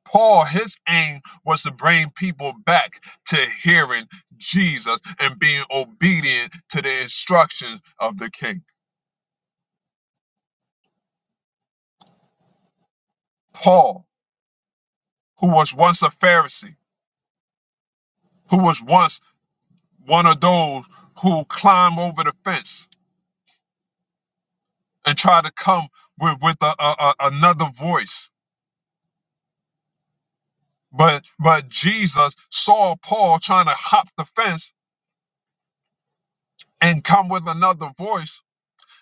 Paul, his aim was to bring people back to hearing Jesus and being obedient to the instructions of the king. Paul, who was once a Pharisee, who was once one of those who climb over the fence and try to come with, with a, a, a- another voice But but Jesus saw Paul trying to hop the fence and come with another voice,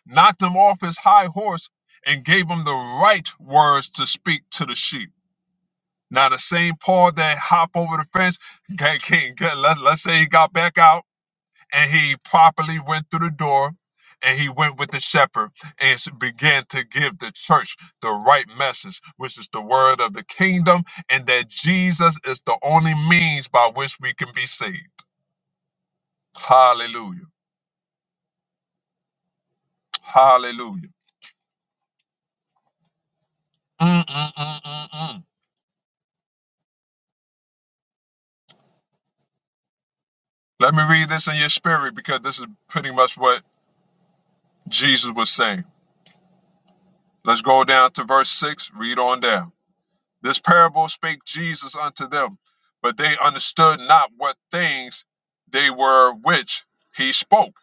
knocked him off his high horse, and gave him the right words to speak to the sheep. Now the same Paul that hopped over the fence, can, can, can, [laughs] let, let's say he got back out and he properly went through the door and he went with the shepherd and s- began to give the church the right message, which is the word of the kingdom and that Jesus is the only means by which we can be saved. Hallelujah. Hallelujah. Mm, mm, mm, mm, mm. Let me read this in your spirit because this is pretty much what Jesus was saying. Let's go down to verse 6, read on down. This parable spake Jesus unto them, but they understood not what things they were which he spoke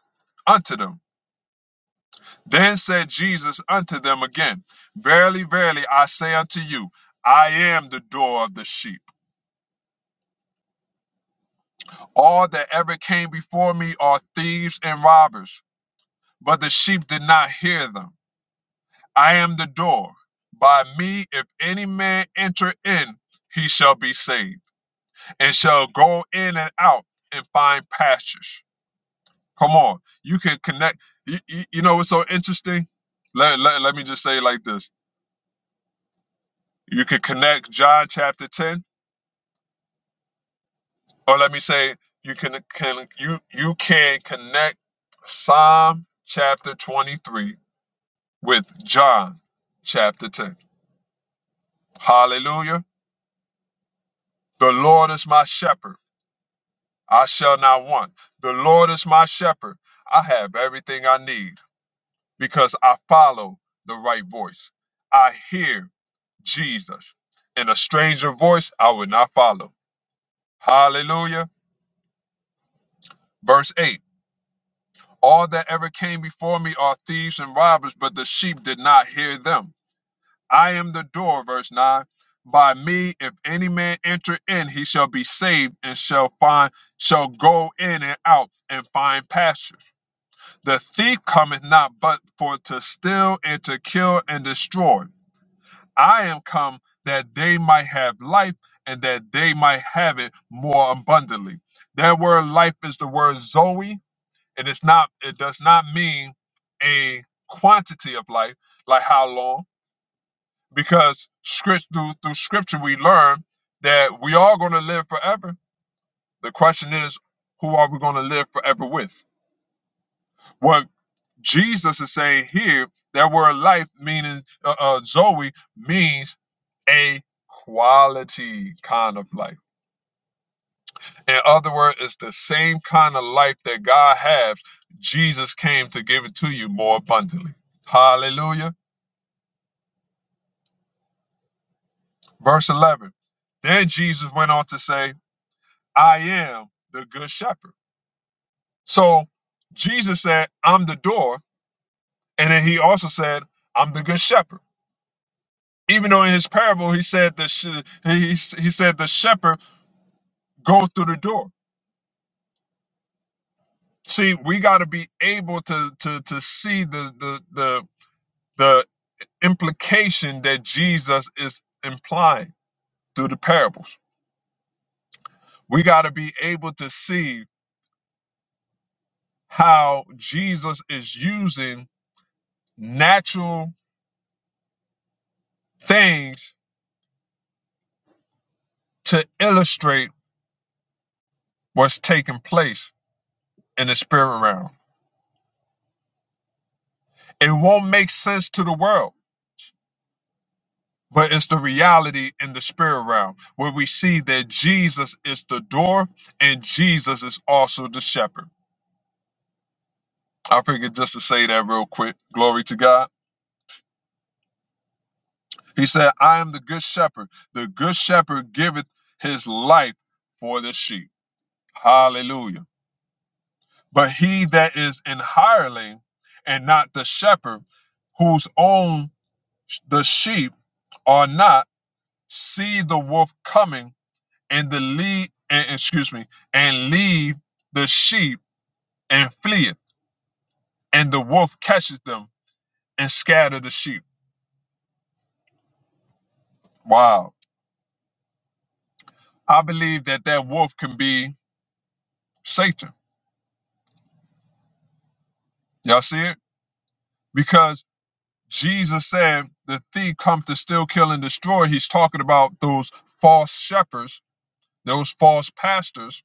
unto them. Then said Jesus unto them again, Verily, verily, I say unto you, I am the door of the sheep. All that ever came before me are thieves and robbers But the sheep did not hear them. I am the door. By me, if any man enter in, he shall be saved, and shall go in and out and find pastures. Come on, you can connect. You, you, you know what's so interesting? Let, let, let me just say it like this: You can connect John chapter ten, or let me say you can can you you can connect Psalm chapter twenty three with John chapter ten. Hallelujah. The Lord is my shepherd. I shall not want. The Lord is my shepherd. I have everything I need because I follow the right voice. I hear Jesus. In a stranger voice, I will not follow. Hallelujah. Verse 8 All that ever came before me are thieves and robbers, but the sheep did not hear them. I am the door. Verse 9 By me, if any man enter in, he shall be saved and shall find, shall go in and out and find pasture. The thief cometh not but for to steal and to kill and destroy. I am come that they might have life and that they might have it more abundantly. That word life is the word Zoe, and it's not it does not mean a quantity of life, like how long, because script through, through scripture we learn that we are going to live forever. The question is, who are we going to live forever with? What? Jesus is saying here that word life meaning uh, uh, Zoe means a quality kind of life. In other words, it's the same kind of life that God has. Jesus came to give it to you more abundantly. Hallelujah. Verse 11. Then Jesus went on to say, I am the good shepherd. So Jesus said, I'm the door. And then he also said, I'm the good shepherd. Even though in his parable he said the sh- he he said the shepherd go through the door. See, we got to be able to to to see the the the the implication that Jesus is implying through the parables. We got to be able to see how Jesus is using natural things to illustrate what's taking place in the spirit realm. It won't make sense to the world But it's the reality in the spirit realm where we see that Jesus is the door and Jesus is also the shepherd. I figured just to say that real quick. Glory to God. He said, I am the good shepherd. The good shepherd giveth his life for the sheep. Hallelujah. But he that is an hireling and not the shepherd, whose own sh- the sheep are not, see the wolf coming and the lead and excuse me and leave the sheep and fleeth, and the wolf catches them and scatter the sheep wow i believe that that wolf can be satan y'all see it because jesus said the thief comes to steal kill and destroy he's talking about those false shepherds those false pastors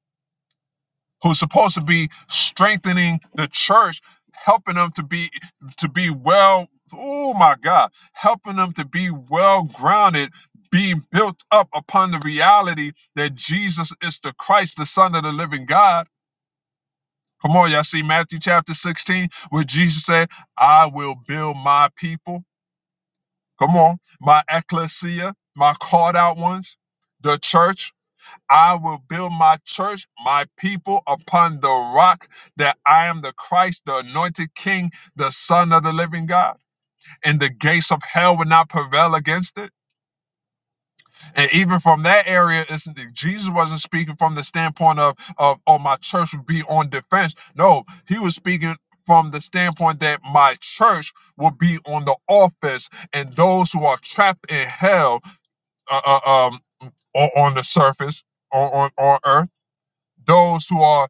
who's supposed to be strengthening the church, helping them to be to be well. Oh my God, helping them to be well grounded, being built up upon the reality that Jesus is the Christ, the Son of the Living God. Come on, y'all see Matthew chapter 16, where Jesus said, I will build my people. Come on, my ecclesia, my called out ones, the church. I will build my church, my people upon the rock that I am the Christ, the anointed king, the son of the living God. And the gates of hell would not prevail against it. And even from that area, it's, Jesus wasn't speaking from the standpoint of, of, oh, my church would be on defense. No, he was speaking from the standpoint that my church will be on the offense. and those who are trapped in hell uh, uh, um, on, on the surface, on, on, on earth those who are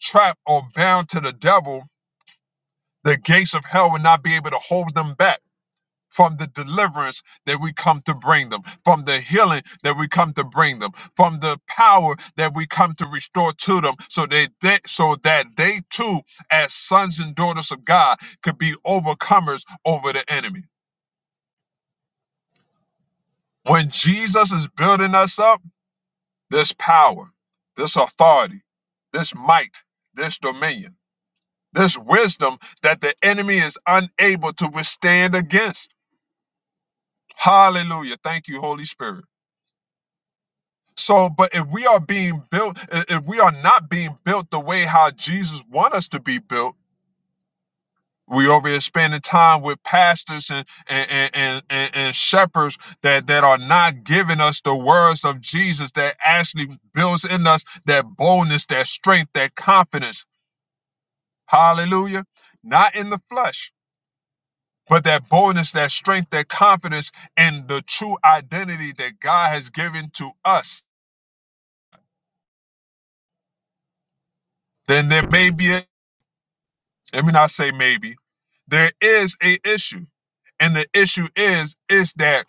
trapped or bound to the devil, the gates of hell will not be able to hold them back from the deliverance that we come to bring them, from the healing that we come to bring them, from the power that we come to restore to them, so that they, so that they too, as sons and daughters of God, could be overcomers over the enemy. When Jesus is building us up, this power, this authority, this might, this dominion. This wisdom that the enemy is unable to withstand against. Hallelujah. Thank you, Holy Spirit. So, but if we are being built, i- if we are not being built the way how Jesus want us to be built, we over here spending time with pastors and and, and, and, and and shepherds that, that are not giving us the words of Jesus that actually builds in us that boldness, that strength, that confidence. Hallelujah. Not in the flesh But that boldness, that strength, that confidence, and the true identity that God has given to us, then there may be a, let me not say maybe, there is a issue. And the issue is, is that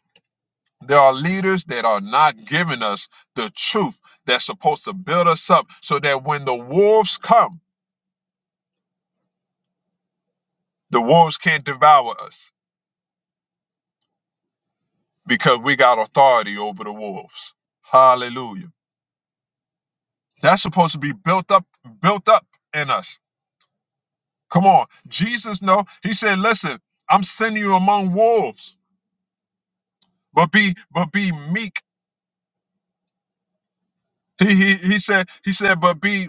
there are leaders that are not giving us the truth that's supposed to build us up so that when the wolves come, the wolves can't devour us because we got authority over the wolves. Hallelujah. That's supposed to be built up, built up in us Come on. Jesus no. He said, listen, I'm sending you among wolves, but be but be meek. He he he said, he said, but be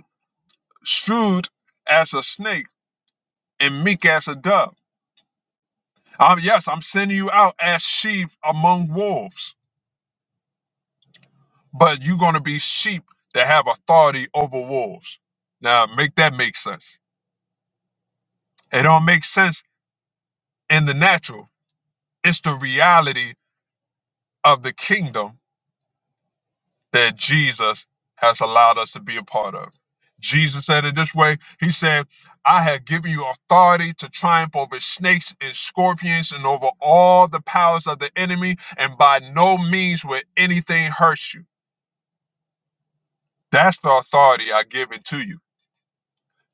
shrewd as a snake and meek as a dove. Um, yes, I'm sending you out as sheep among wolves, but you're gonna be sheep that have authority over wolves. Now make that make sense. It don't make sense in the natural. It's the reality of the kingdom that Jesus has allowed us to be a part of. Jesus said it this way He said, I have given you authority to triumph over snakes and scorpions and over all the powers of the enemy, and by no means will anything hurt you. That's the authority I've given to you.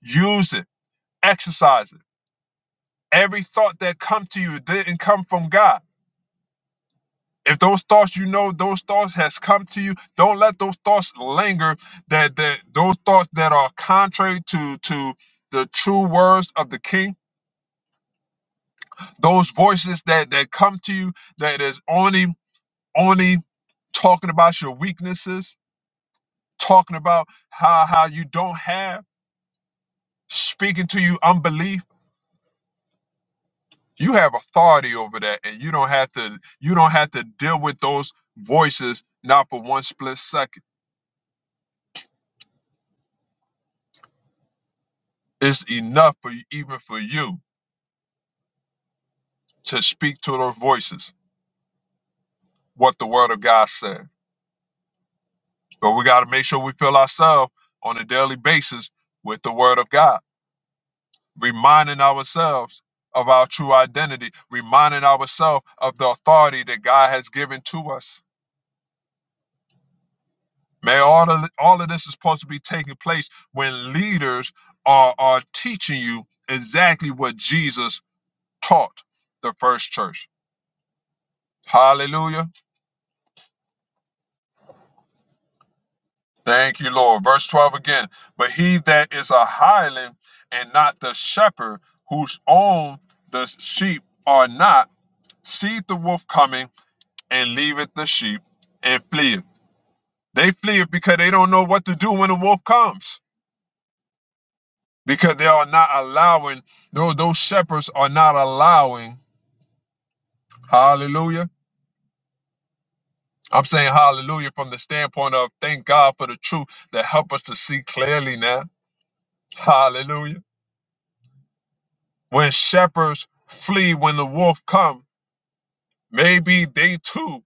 Use it, exercise it. Every thought that comes to you didn't come from God. if those thoughts you know those thoughts has come to you don't let those thoughts linger that that those thoughts that are contrary to to the true words of the king those voices that that come to you that is only only talking about your weaknesses talking about how how you don't have speaking to you unbelief you have authority over that and you don't have to you don't have to deal with those voices not for one split second it's enough for you, even for you to speak to those voices what the word of God said. But we got to make sure we fill ourselves on a daily basis with the word of God, reminding ourselves of our true identity, reminding ourselves of the authority that God has given to us. Man, all of, all of this is supposed to be taking place when leaders are, are teaching you exactly what Jesus taught the first church. Hallelujah. Thank you, Lord. Verse 12 again. But he that is a hireling and not the shepherd, whose own the sheep are not, seeth the wolf coming and leaveth the sheep and fleeth. They flee because they don't know what to do when the wolf comes. Because they are not allowing, no, those shepherds are not allowing. Hallelujah. I'm saying hallelujah from the standpoint of thank God for the truth that help us to see clearly now. Hallelujah. When shepherds flee when the wolf come, maybe they too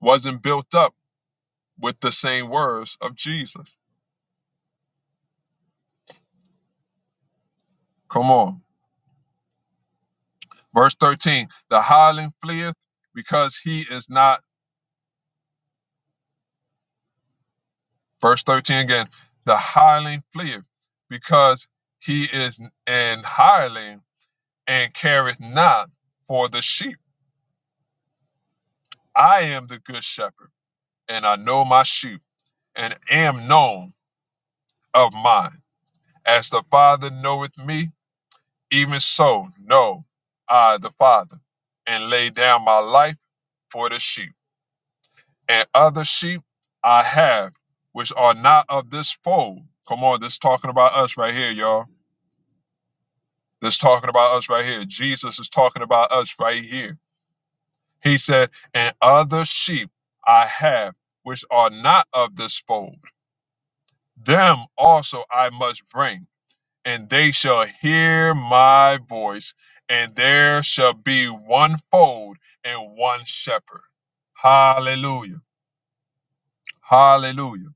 wasn't built up with the same words of Jesus. Come on. Verse 13, the hireling fleeth because he is not, verse 13 again, the hireling fleeth because he is an hireling and careth not for the sheep. I am the good shepherd, and I know my sheep, and am known of mine. As the Father knoweth me, Even so, know I the Father, and lay down my life for the sheep. And other sheep I have, which are not of this fold. Come on, this is talking about us right here, y'all. This is talking about us right here. Jesus is talking about us right here. He said, And other sheep I have, which are not of this fold. Them also I must bring and they shall hear my voice, and there shall be one fold and one shepherd. Hallelujah. Hallelujah.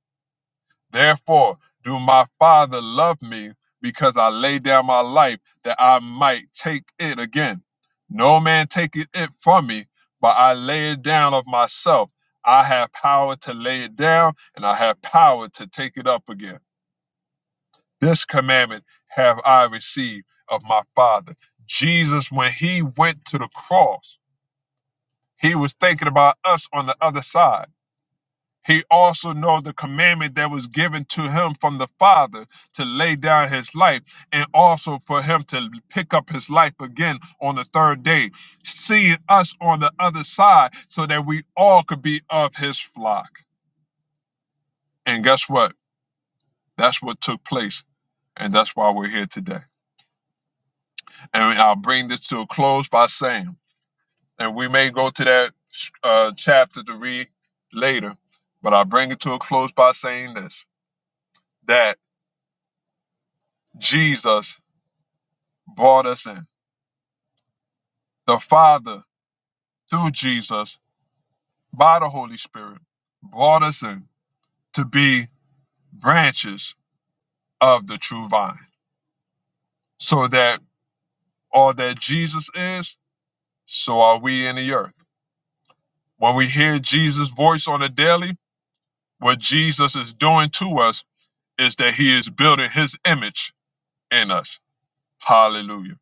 Therefore, do my Father love me because I lay down my life that I might take it again? No man taketh it from me, but I lay it down of myself. I have power to lay it down, and I have power to take it up again. This commandment have I received of my Father. Jesus, when he went to the cross, he was thinking about us on the other side. He also knew the commandment that was given to him from the Father to lay down his life and also for him to pick up his life again on the third day, seeing us on the other side so that we all could be of his flock. And guess what? That's what took place. And that's why we're here today. And I'll bring this to a close by saying, and we may go to that uh, chapter to read later, but I'll bring it to a close by saying this that Jesus brought us in. The Father, through Jesus, by the Holy Spirit, brought us in to be branches of the true vine, so that all that Jesus is, so are we in the earth. When we hear Jesus' voice on the daily, what Jesus is doing to us is that he is building his image in us. Hallelujah.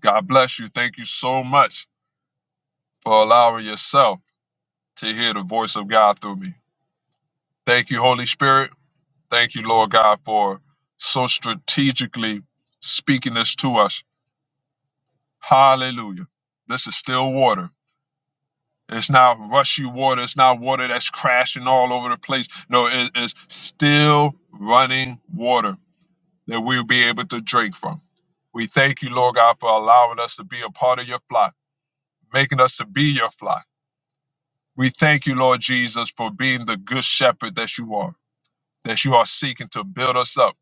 God bless you. Thank you so much for allowing yourself to hear the voice of God through me. Thank you, Holy Spirit. Thank you, Lord God, for so strategically speaking this to us. Hallelujah. This is still water. It's not rushy water. It's not water that's crashing all over the place. No, it is still running water that we'll be able to drink from. We thank you, Lord God, for allowing us to be a part of your flock, making us to be your flock. We thank you, Lord Jesus, for being the good shepherd that you are, that you are seeking to build us up,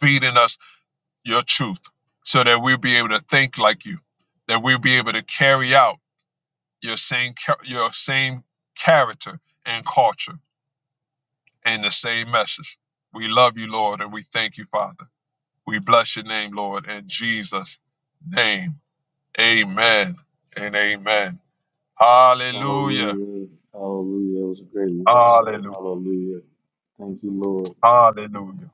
feeding us your truth, so that we'll be able to think like you, that we'll be able to carry out your same cha- your same character and culture and the same message. We love you, Lord, and we thank you, Father. We bless your name, Lord, in Jesus' name. Amen and amen. Hallelujah. Hallelujah. Hallelujah. It was a great word, sir. Hallelujah. Hallelujah. Thank you, Lord. Hallelujah.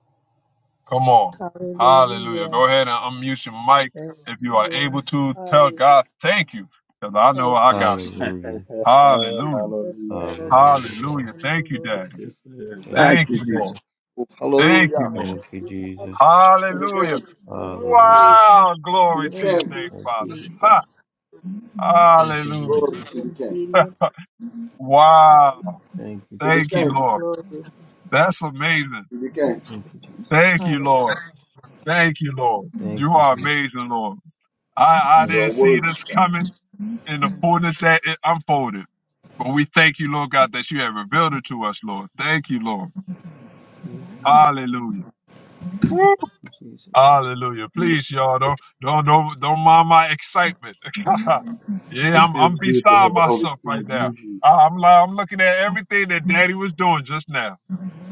Come on. Hallelujah. Hallelujah. Go ahead and unmute your mic Thank if you are you. Lord. able to. Tell Hallelujah. God thank you because I know Thank I you. got you. [laughs] Hallelujah. Thank Hallelujah. you for Hallelujah. all that you Hallelujah, Lord. Hallelujah. have done, Thank O you, Lord. Daddy. Yes, sir. Thank you, Thank Thank you, Hallelujah. you, Jesus. Jesus. Lord. Oh, Thank Great you, hallelujah love Lord. Thank that you, you have Jesus. for us, to O the God. Hallelujah. King, Hallelujah. Hallelujah. Wow. to Glory the to your Thank King. name, you, Thank you, Father. Ha. Jesus, Thank you, for Jesus. Hallelujah. Glory being to the King, obedient. Hallelujah. Wow. Thank you, to the Jesus. Thank you, King, Lord. Glory. That's amazing. to the Thank King. Thank you. you, Jesus. Thank you, Hallelujah. Lord. Thank you, Lord. Thank You you, are Jesus. amazing, Lord. I, I Thank You didn't are see worthy, this God. coming in the fullness that it unfolded. But we thank you, Lord God, that you have revealed it to us, Lord. Thank you, Lord. you, Jesus. Hallelujah. Woo. Thank you, Jesus. Hallelujah. Please, y'all, don't don't don't, don't mind my excitement. [laughs] yeah, It I'm feels I'm good to beside have the Holy myself right Spirit now. use you, I- I'm li- I'm looking at everything that Daddy was doing just now,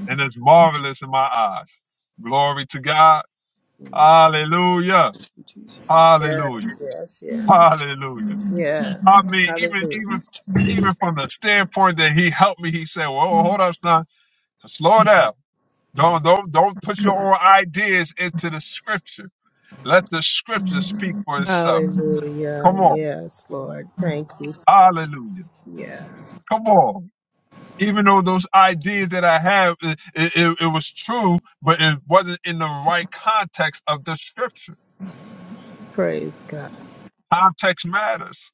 and it's marvelous in my eyes. Glory to God. Thank Hallelujah. you, Hallelujah. Yes, yes, yes. Hallelujah. Yes. I mean, even Hallelujah. even even from the standpoint that he helped me, he said, "Well, hold up, son, slow down. Don't don't don't put your own ideas into the scripture. Let the scripture speak for itself. Hallelujah. Come on, Yes, Lord. Thank you, Hallelujah. Jesus. Yes. Come on." Even though those ideas that I have, it, it, it it was true, but it wasn't in the right context of the scripture. Praise God. Context matters.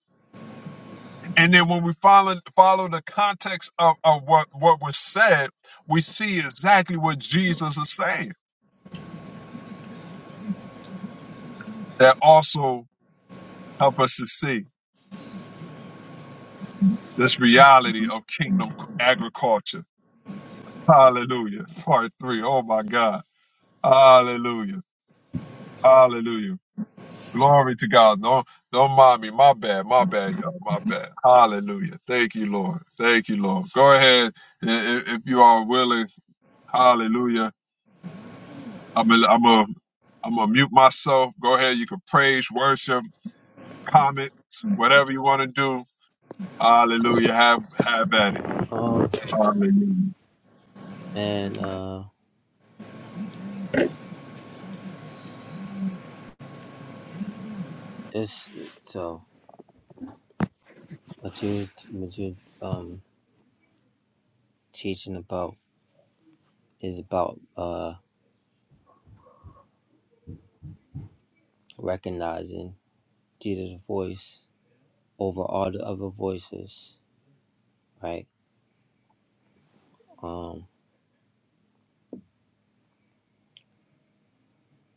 And then when we follow follow the context of, of what, what was said, we see exactly what Jesus is saying. That also help us to see this reality of kingdom agriculture. Hallelujah. Part three. Oh my God. Hallelujah. Hallelujah. Glory to God. Don't don't mind me. My bad. My bad, y'all. My bad. Hallelujah. Thank you, Lord. Thank you, Lord. Go ahead i- i- if you are willing. Hallelujah I'm gonna I'm gonna I'm gonna mute myself. Go ahead. You can praise, worship, comment, whatever you want to do. Hallelujah. Have have at it. Jesus. Um, Hallelujah. and uh, it's so what you what you um teaching about is about uh recognizing Jesus' voice over all the other voices, right? Um,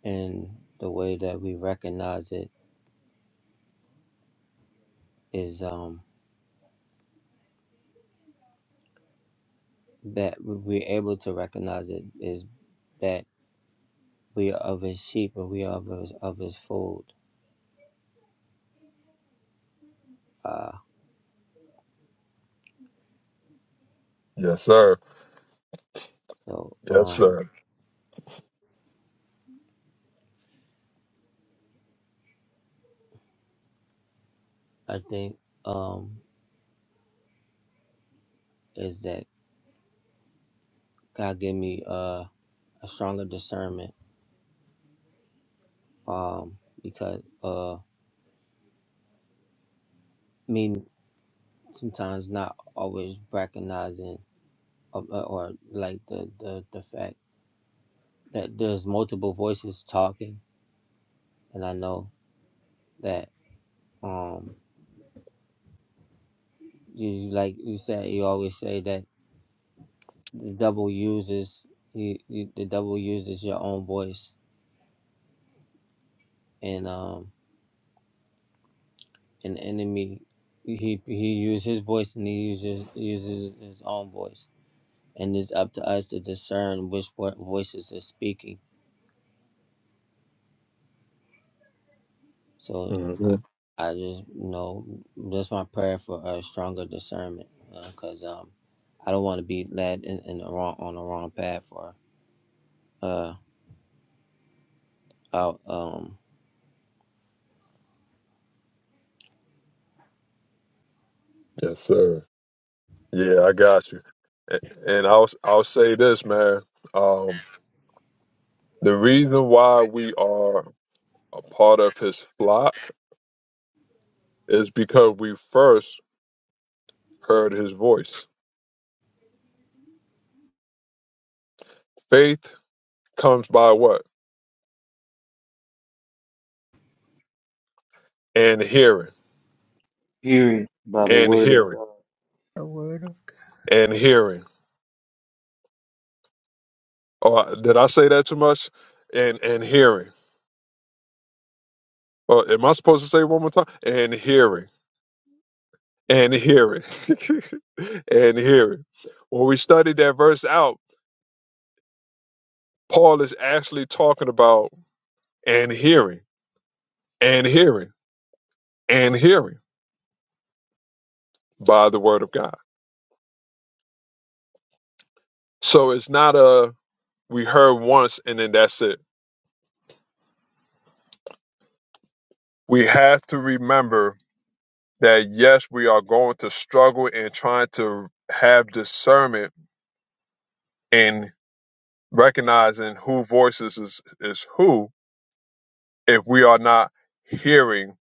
and the way that we recognize it is um that we're able to recognize it is that. we are of his sheep and we are of his, of his fold. Uh, Yes, sir. so Yes, um, sir. I think um, is that God gave me uh, a stronger discernment um, because uh, me sometimes not always recognizing or, or like the, the, the fact that there's multiple voices talking and I know that um, you like you said you always say that the devil uses you, you, the devil uses your own voice and um an enemy he he uses his voice and he uses uses his own voice and it's up to us to discern which vo- voices is speaking so i I just you know that's my prayer for a stronger discernment because um i don't want to be led in, in the wrong on the wrong path or uh out um Yes, sir. Yeah, I got you. A- And I'll I'll say this, man. Um, the reason why we are a part of his flock is because we first heard his voice. Faith comes by what? And hearing, hearing by the and word of hearing, God. The word of and hearing. Or did I say that too much? And and hearing. Or am I supposed to say it one more time? And hearing. And hearing. [laughs] and hearing. When we study that verse out, Paul is actually talking about and hearing and hearing and hearing by the word of God. So it's not a we heard once and then that's it. We have to remember that yes, we are going to struggle in trying to have discernment in recognizing who voices is, is who if we are not hearing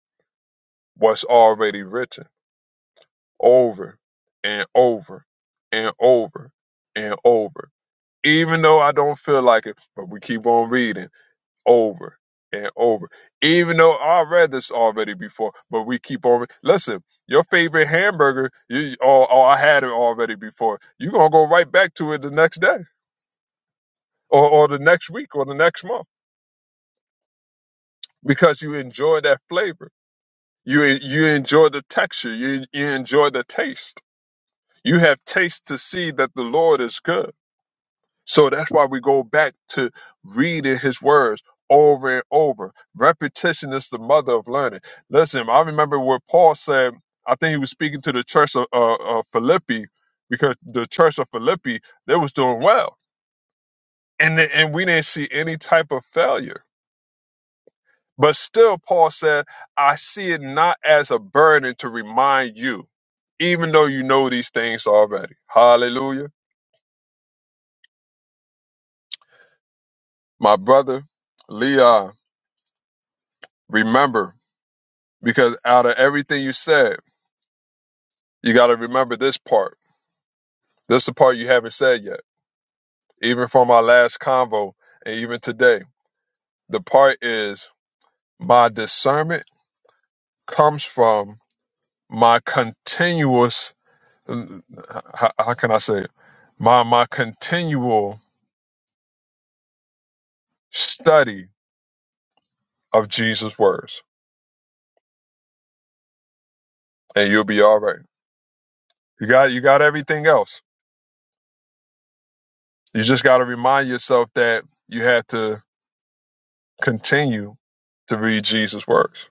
what's already written over and over and over and over. Even though I don't feel like it, but we keep on reading over and over. Even though I read this already before, but we keep on. re- Listen, your favorite hamburger, you oh, or I had it already before. You're gonna go right back to it the next day, or, or the next week, or the next month because you enjoy that flavor You you enjoy the texture. You you enjoy the taste. You have taste to see that the Lord is good. So that's why we go back to reading His words over and over. Repetition is the mother of learning. Listen, I remember what Paul said. I think he was speaking to the church of uh, uh, Philippi because the church of Philippi they was doing well, and and we didn't see any type of failure But still, Paul said, I see it not as a burden to remind you, even though you know these things already. Hallelujah. My brother, Leon, remember, because out of everything you said, you got to remember this part. This is the part you haven't said yet, even from our last convo and even today. The part is my discernment comes from my continuous, how, how can I say it? My, my continual Study of Jesus' words, and you'll be all right. You got you got everything else. You just got to remind yourself that you have to continue to read Jesus' words,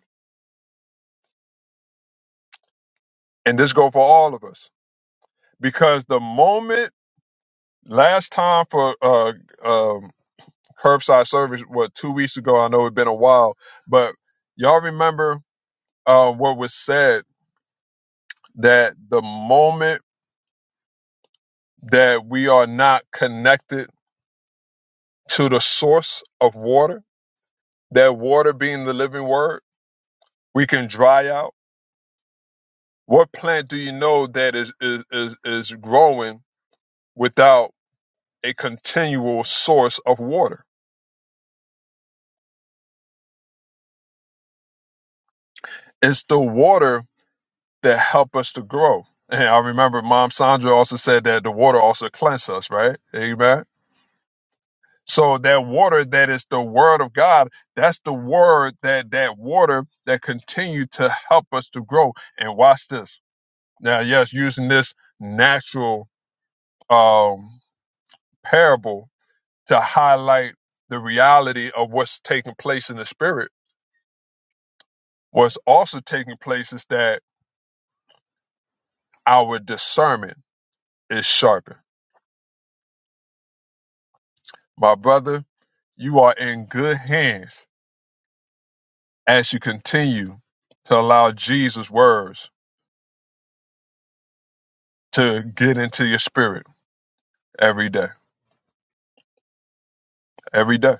and this go for all of us because the moment last time for uh, um, curbside service, what two weeks ago? I know it's been a while, but y'all remember uh, what was said that the moment that we are not connected to the source of water That water being the living word, we can dry out. What plant do you know that is is is, is growing without a continual source of water? It's the water that help us to grow. And I remember Mom Sandra also said that the water also cleanses us, right? Amen. So that water that is the word of God, that's the word that that water that continue to help us to grow. And watch this. Now, yes, using this natural um parable to highlight the reality of what's taking place in the spirit. What's also taking place is that our discernment is sharpened. My brother, you are in good hands as you continue to allow Jesus' words to get into your spirit every day. Every day.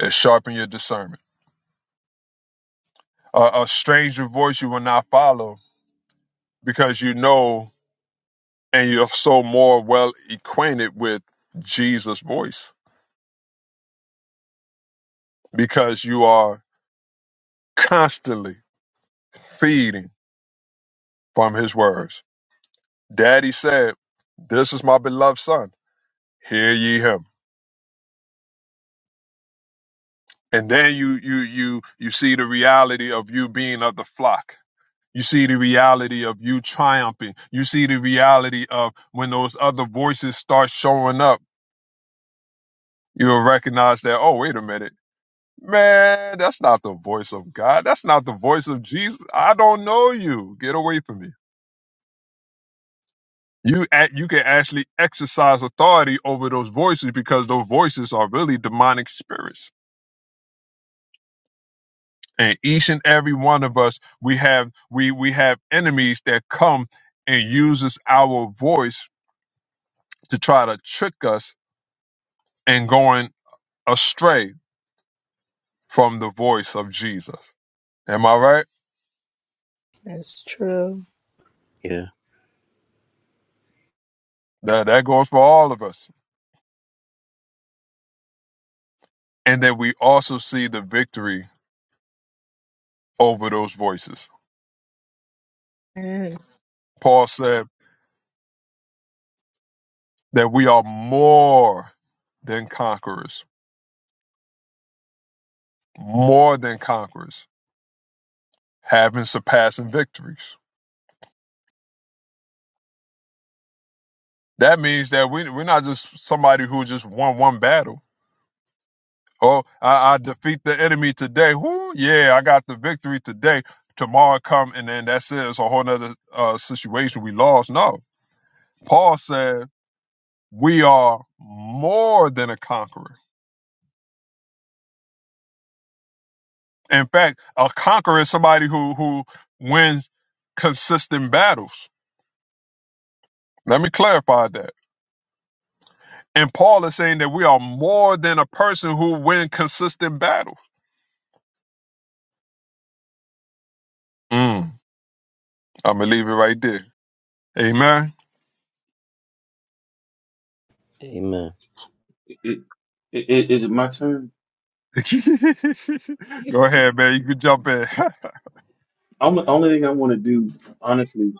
It sharpens your discernment. A, a stranger voice you will not follow because you know and you're so more well acquainted with Jesus' voice because you are constantly feeding from his words. Daddy said, "This is my beloved son; hear ye him." And then you you you you see the reality of you being of the flock. You see the reality of you triumphing. You see the reality of when those other voices start showing up, you'll recognize that, oh, wait a minute. Man, that's not the voice of God. That's not the voice of Jesus. I don't know you. Get away from me you act, you can actually exercise authority over those voices because those voices are really demonic spirits and each and every one of us we have we we have enemies that come and uses our voice to try to trick us and going astray from the voice of jesus am i right God is true. yeah that that goes for all of us and then we also see the victory over those voices And paul said that we are more than conquerors more than conquerors, having surpassing victories. That means that we, we're not just somebody who just won one battle. Oh, I, I defeat the enemy today. Woo, yeah, I got the victory today. Tomorrow come and then that's it. It's a whole nother uh, situation we lost. No, Paul said we are more than a conqueror. In fact, a conqueror is somebody who who wins consistent battles. Let me clarify that And Paul is saying that we are more than a person who win consistent battles. Mm, I'm gonna leave it right there. Amen. amen It, it, it, is it my turn? [laughs] Go ahead, man. You can jump in. I'm, The only thing I want to do, honestly,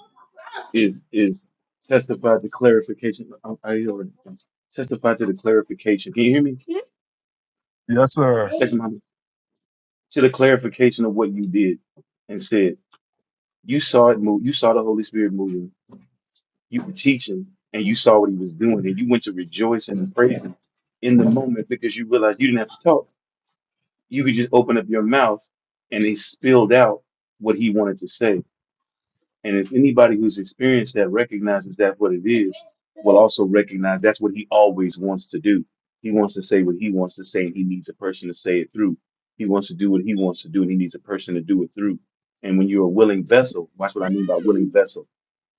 is is testify to clarification. I, I already testify to the clarification. Can you hear me? [laughs] yes, sir. That's my to the clarification of what you did and said. You saw it move. You saw the Holy Spirit moving. You were teaching, and you saw what He was doing, and you went to rejoice and praise Him in the moment because you realized you didn't have to talk. You could just open up your mouth, and He spilled out what He wanted to say And as anybody who's experienced that recognizes that what it is, will also recognize that's what he always wants to do. He wants to say what he wants to say, and he needs a person to say it through. He wants to do what he wants to do, and he needs a person to do it through. And when you're a willing vessel, watch what I mean by willing vessel.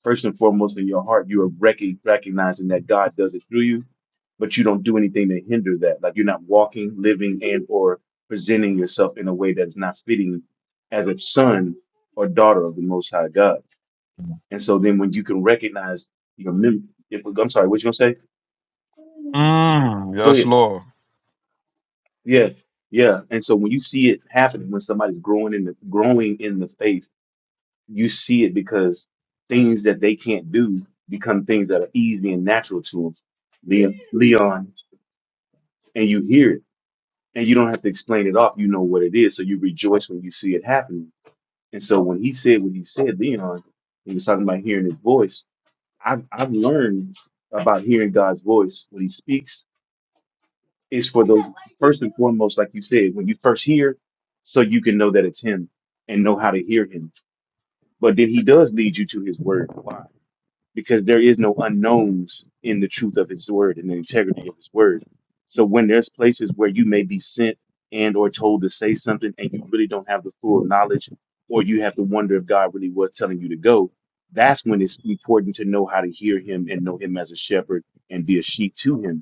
First and foremost, in your heart, you are rec- recognizing that God does it through you, but you don't do anything to hinder that. Like you're not walking, living, and or presenting yourself in a way that's not fitting as a son or daughter of the Most High God and so then when you can recognize your mem if, I'm sorry, what you gonna say? Mm, Go yes, ahead. Lord. Yeah, yeah. And so when you see it happening, when somebody's growing in the growing in the faith, you see it because things that they can't do become things that are easy and natural to them. Leon, Leon, and you hear it, and you don't have to explain it off. You know what it is, so you rejoice when you see it happening. And so when he said what he said, Leon, he was talking about hearing his voice. I've I've learned about hearing God's voice when He speaks is for the first and foremost, like you said, when you first hear, so you can know that it's him and know how to hear him. But then he does lead you to his word. Why? Because there is no unknowns in the truth of his word and the integrity of his word. So when there's places where you may be sent and or told to say something and you really don't have the full knowledge or you have to wonder if God really was telling you to go, that's when it's important to know how to hear him and know him as a shepherd and be a sheep to him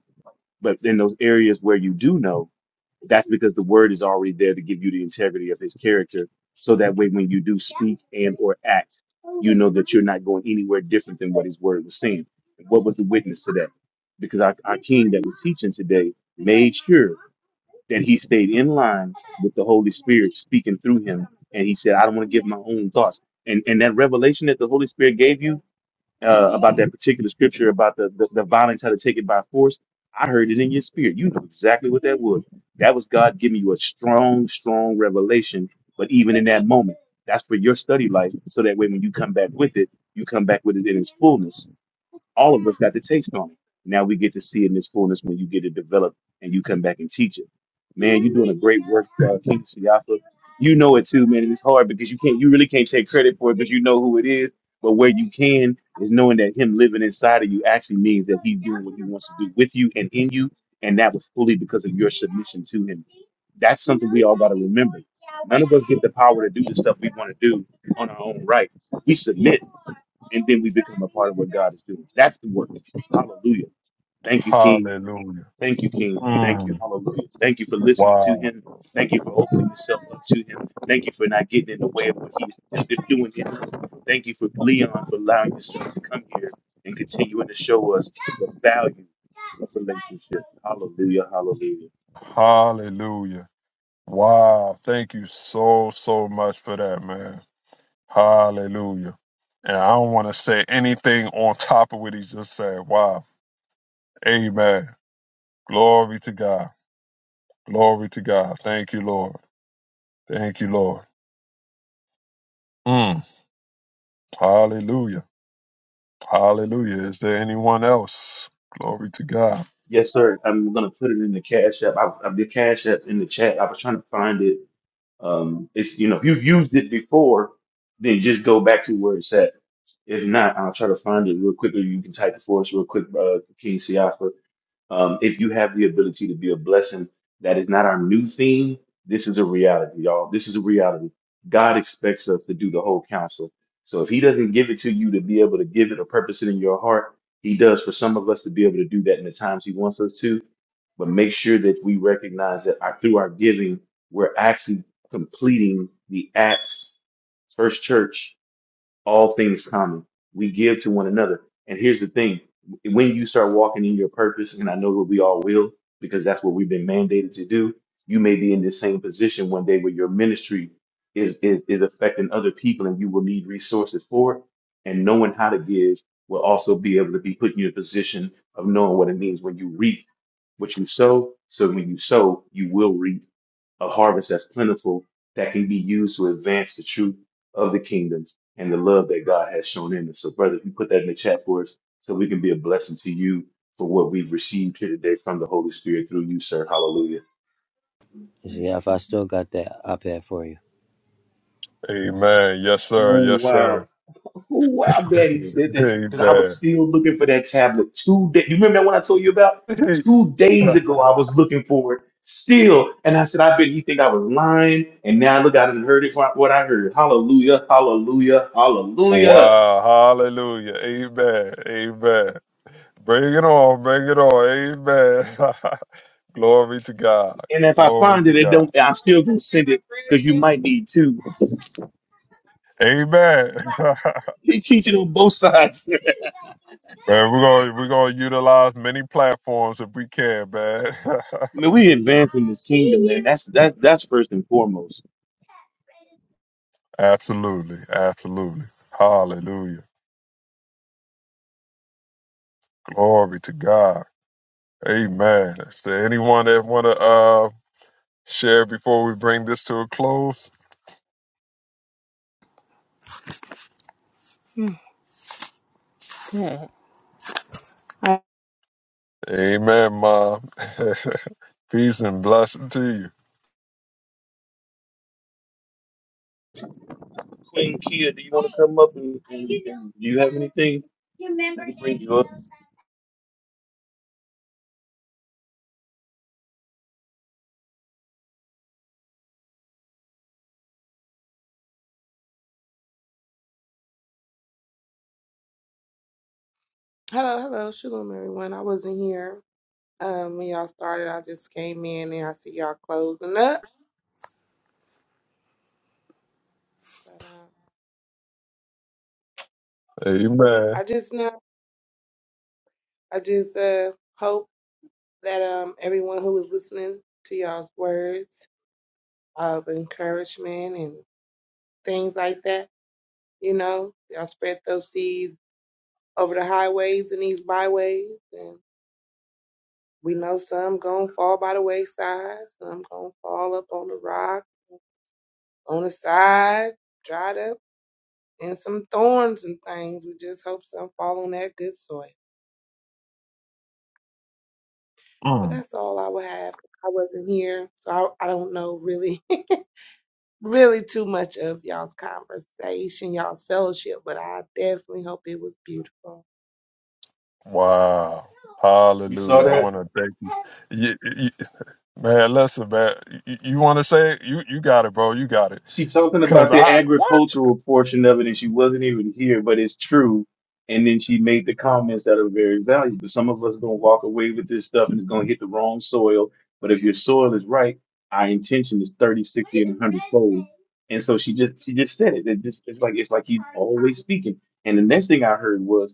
but in those areas where you do know, that's because the word is already there to give you the integrity of his character so that way when you do speak and or act, you know that you're not going anywhere different than what his word was saying. What was the witness to that? Because our, our king that was teaching today made sure that he stayed in line with the Holy Spirit speaking through him. And he said, I don't want to give my own thoughts. And and that revelation that the Holy Spirit gave you uh, about that particular scripture about the, the, the violence how to take it by force. I heard it in your spirit. You know exactly what that was. That was God giving you a strong, strong revelation. But even in that moment, that's for your study life. So that way, when you come back with it, you come back with it in its fullness. All of us got the taste on it. Now we get to see it in its fullness when you get it developed and you come back and teach it. Man, you're doing a great work, uh, King Siafa. You know it too, man. And it's hard because you can't, you really can't take credit for it because you know who it is. But where you can, is knowing that him living inside of you actually means that he's doing what he wants to do with you and in you, and that was fully because of your submission to him. That's something we all got to remember. None of us get the power to do the stuff we want to do on our own right. We submit, and then we become a part of what God is doing. That's the work. Hallelujah. Thank you, King. Hallelujah. Thank you, King. Thank you. Mm, Hallelujah. Thank you for listening to wow. him. Thank you for opening yourself up to him. Thank you for not getting in the way of what he's doing in us. Thank you for Leon for allowing yourself to come here and continuing to show us the value of relationship. Hallelujah. Hallelujah. Hallelujah. Wow. Thank you so, so much for that, man. Hallelujah. And I don't want to say anything on top of what he just said. Wow. Amen. Glory to God. Glory to God. Thank you, Lord. Thank you, Lord. Mm. Hallelujah. Hallelujah. Is there anyone else? Glory to God. Yes, sir. I'm gonna put it in the cash app. I, I did cash app in the chat. I was trying to find it Um, it's you know if you've used it before, then just go back to where it's at. If not, I'll try to find it real quickly. you can type it for us real quick, uh, King Siafa. Um, if you have the ability to be a blessing, that is not our new theme. This is a reality, y'all. This is a reality. God expects us to do the whole counsel. So if He doesn't give it to you to be able to give it or purpose it in your heart, He does for some of us to be able to do that in the times He wants us to but make sure that we recognize that our, through our giving, we're actually completing the acts, first church, all things common. We give to one another. And here's the thing. When you start walking in your purpose, and I know that we all will, because that's what we've been mandated to do, you may be in the same position one day where your ministry is, is, is affecting other people and you will need resources for it. And knowing how to give will also be able to be put you in a position of knowing what it means when you reap what you sow, so when you sow, you will reap a harvest that's plentiful that can be used to advance the truth of the kingdoms and the love that God has shown in us. So, brother, if you put that in the chat for us, so we can be a blessing to you for what we've received here today from the Holy Spirit through you, sir. Hallelujah. So, yeah if i still got that ipad for you Amen. Yes, Oh, sir. Yes, wow. sir. Ooh, wow, I'm glad he said [laughs] that because I was Amen. still looking for that tablet two days. You remember that one I told you about? [laughs] Two days ago, I was looking for it still. And I said, I bet he think I was lying. And now look, I didn't heard it from what I heard. Hallelujah, hallelujah, hallelujah. wow. Hallelujah. Amen. Amen. Bring it on. Bring it on. Amen. [laughs] Glory to God. And if I Glory find to it, it God. don't, I'm still going to send it because you might need two. [laughs] Amen. [laughs] man, He teaching on both sides. [laughs] I we're gonna we're gonna utilize many platforms if we can, man. [laughs] mean, we advancing this kingdom, man. That's that's that's first and foremost. Absolutely. Absolutely. Hallelujah. Glory to God. Amen. Is there anyone that want to uh, share before we bring this to a close? [laughs] amen. Okay. Amen, Mom. [laughs] Peace and blessing to you. Queen Kia, do you want to come up and, and, and do you have anything? Let me bring you up. Hello, hello, shalom, everyone. I wasn't here um, when y'all started. I just came in and I see y'all closing up. But um, Amen. I just know, I just uh, hope that um, everyone who was listening to y'all's words of encouragement and things like that, you know, y'all spread those seeds over the highways and these byways. And we know some gonna fall by the wayside, some gonna fall up on the rock, on the side dried up and some thorns and things. We just hope some fall on that good soil. But Mm. that's all I would have. I wasn't here, so I, I don't know really, [laughs] really too much of y'all's conversation, y'all's fellowship. But I definitely hope it was beautiful. Wow. You saw Hallelujah. I that? want to thank you. You, you. Man, listen, man. You, you want to say it? You, you got it, bro. You got it. she talking about Because the I, what? agricultural portion of it and she wasn't even here, but it's true. And then she made the comments that are very valuable. Some of us are gonna walk away with this stuff and it's gonna hit the wrong soil. But if your soil is right, our intention is thirty, sixty, 60, and 100 fold. And so she just she just said it. It just it's like it's like he's always speaking. And the next thing I heard was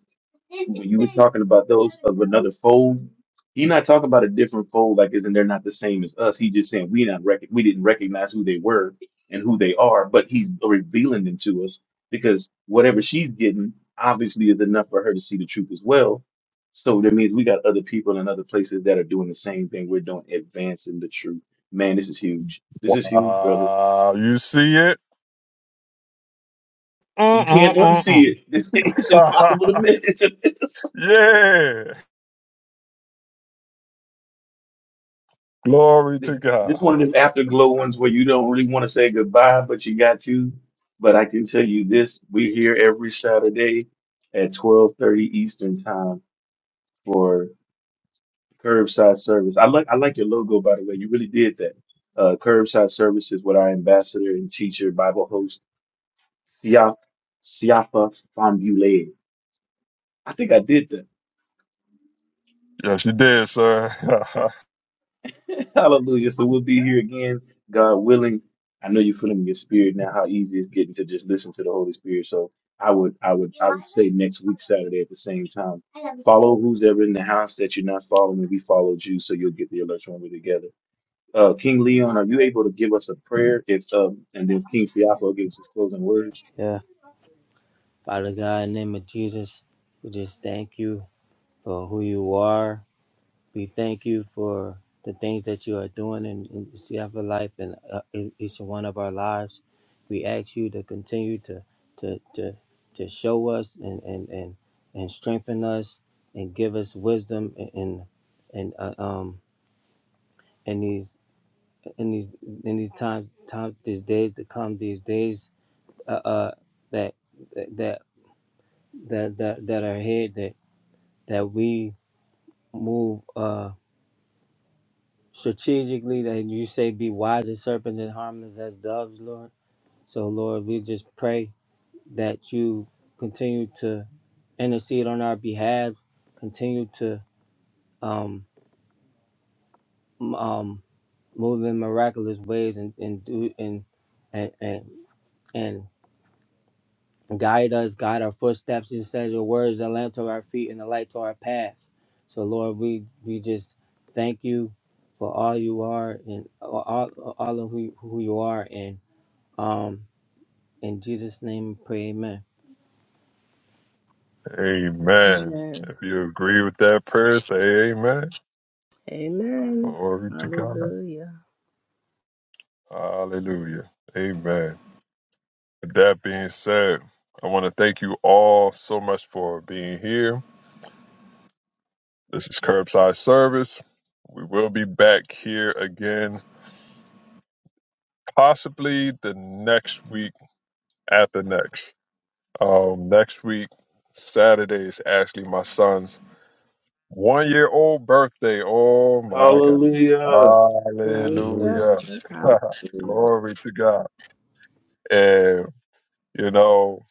when you were talking about those of another fold, he not talking about a different fold like isn't they're not the same as us. He just saying we not rec- we didn't recognize who they were and who they are, but he's revealing them to us because whatever she's getting obviously is enough for her to see the truth as well. So that means we got other people in other places that are doing the same thing we're doing, advancing the truth. Man, this is huge. This is huge, brother. Wow. You see it? You can't unsee Mm-mm-mm-mm. it. This [laughs] it's [laughs] impossible to miss. [laughs] Yeah. Glory This, to this God. one of them afterglow ones where you don't really want to say goodbye, but you got to. But I can tell you this: we're here every Saturday at twelve thirty Eastern time for Curbside service. I like I like your logo by the way. You really did that. Uh, curbside service is what our ambassador and teacher Bible host Siap Siapa Fambule. I think I did Yes, you did, sir. [laughs] that. [laughs] Hallelujah. So we'll be here again, God willing. I know you're feeling in your spirit now how easy it's getting to just listen to the Holy Spirit. So I would I would I would say next week Saturday at the same time. Follow who's ever in the house that you're not following. We followed you, so you'll get the alerts when we're together. Uh, King Leon, are you able to give us a prayer? If um, and then King Siapo gives his closing words. yeah father god in the name of jesus we just thank you for who you are We thank you for the things that you are doing in, in Seattle Life and uh, in each one of our lives. We ask you to continue to to to, to show us and, and and and strengthen us and give us wisdom in in and uh, um in these in these in these times times these days to come these days uh, uh that that that that that are ahead that that we move uh. strategically that you say be wise as serpents and harmless as doves, Lord. So, Lord, we just pray that you continue to intercede on our behalf, continue to um, m- um, move in miraculous ways and, and do and and, and and guide us, guide our footsteps. You said your words a lamp to our feet and a light to our path. So Lord, we we just thank you for all you are and all all all of who who you are, and. Um, in Jesus' name, pray. Amen. amen. Amen. If you agree with that prayer, say amen. Amen. Glory to God. Hallelujah. Hallelujah. Amen. With that being said, I want to thank you all so much for being here. This is Curbside Service. We will be back here again, possibly the next week after next. Um, next week, Saturday is actually my son's One year old birthday. Oh my God. Hallelujah. Praise Hallelujah. God. Hallelujah. [laughs] Hallelujah. Glory to God. And, you know,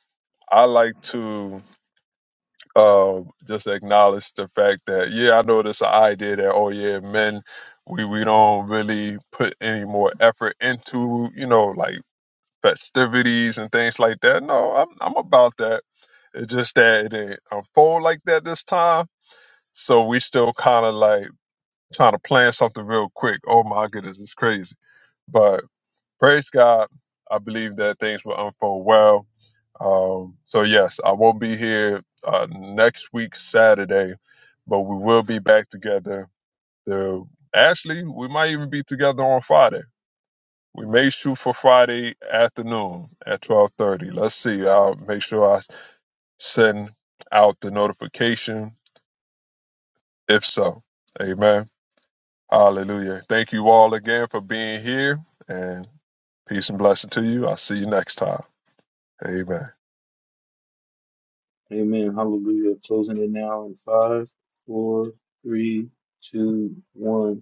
I like to uh, just acknowledge the fact that, yeah, I know this idea that, oh, yeah, men, we, we don't really put any more effort into, you know, like festivities and things like that. No, I'm, I'm about that. It's just that it didn't unfold like that this time. So we still kind of like, trying to plan something real quick. Oh my goodness, it's crazy. But praise God, I believe that things will unfold well. Um, so yes, I won't be here uh, next week Saturday, but we will be back together. The actually, we might even be together on Friday. We may shoot for Friday afternoon at twelve thirty. Let's see. I'll make sure I send out the notification. If so, Amen. Hallelujah. Thank you all again for being here and peace and blessing to you. I'll see you next time. Amen. Amen. Hallelujah. Closing it now in five, four, three, two, one.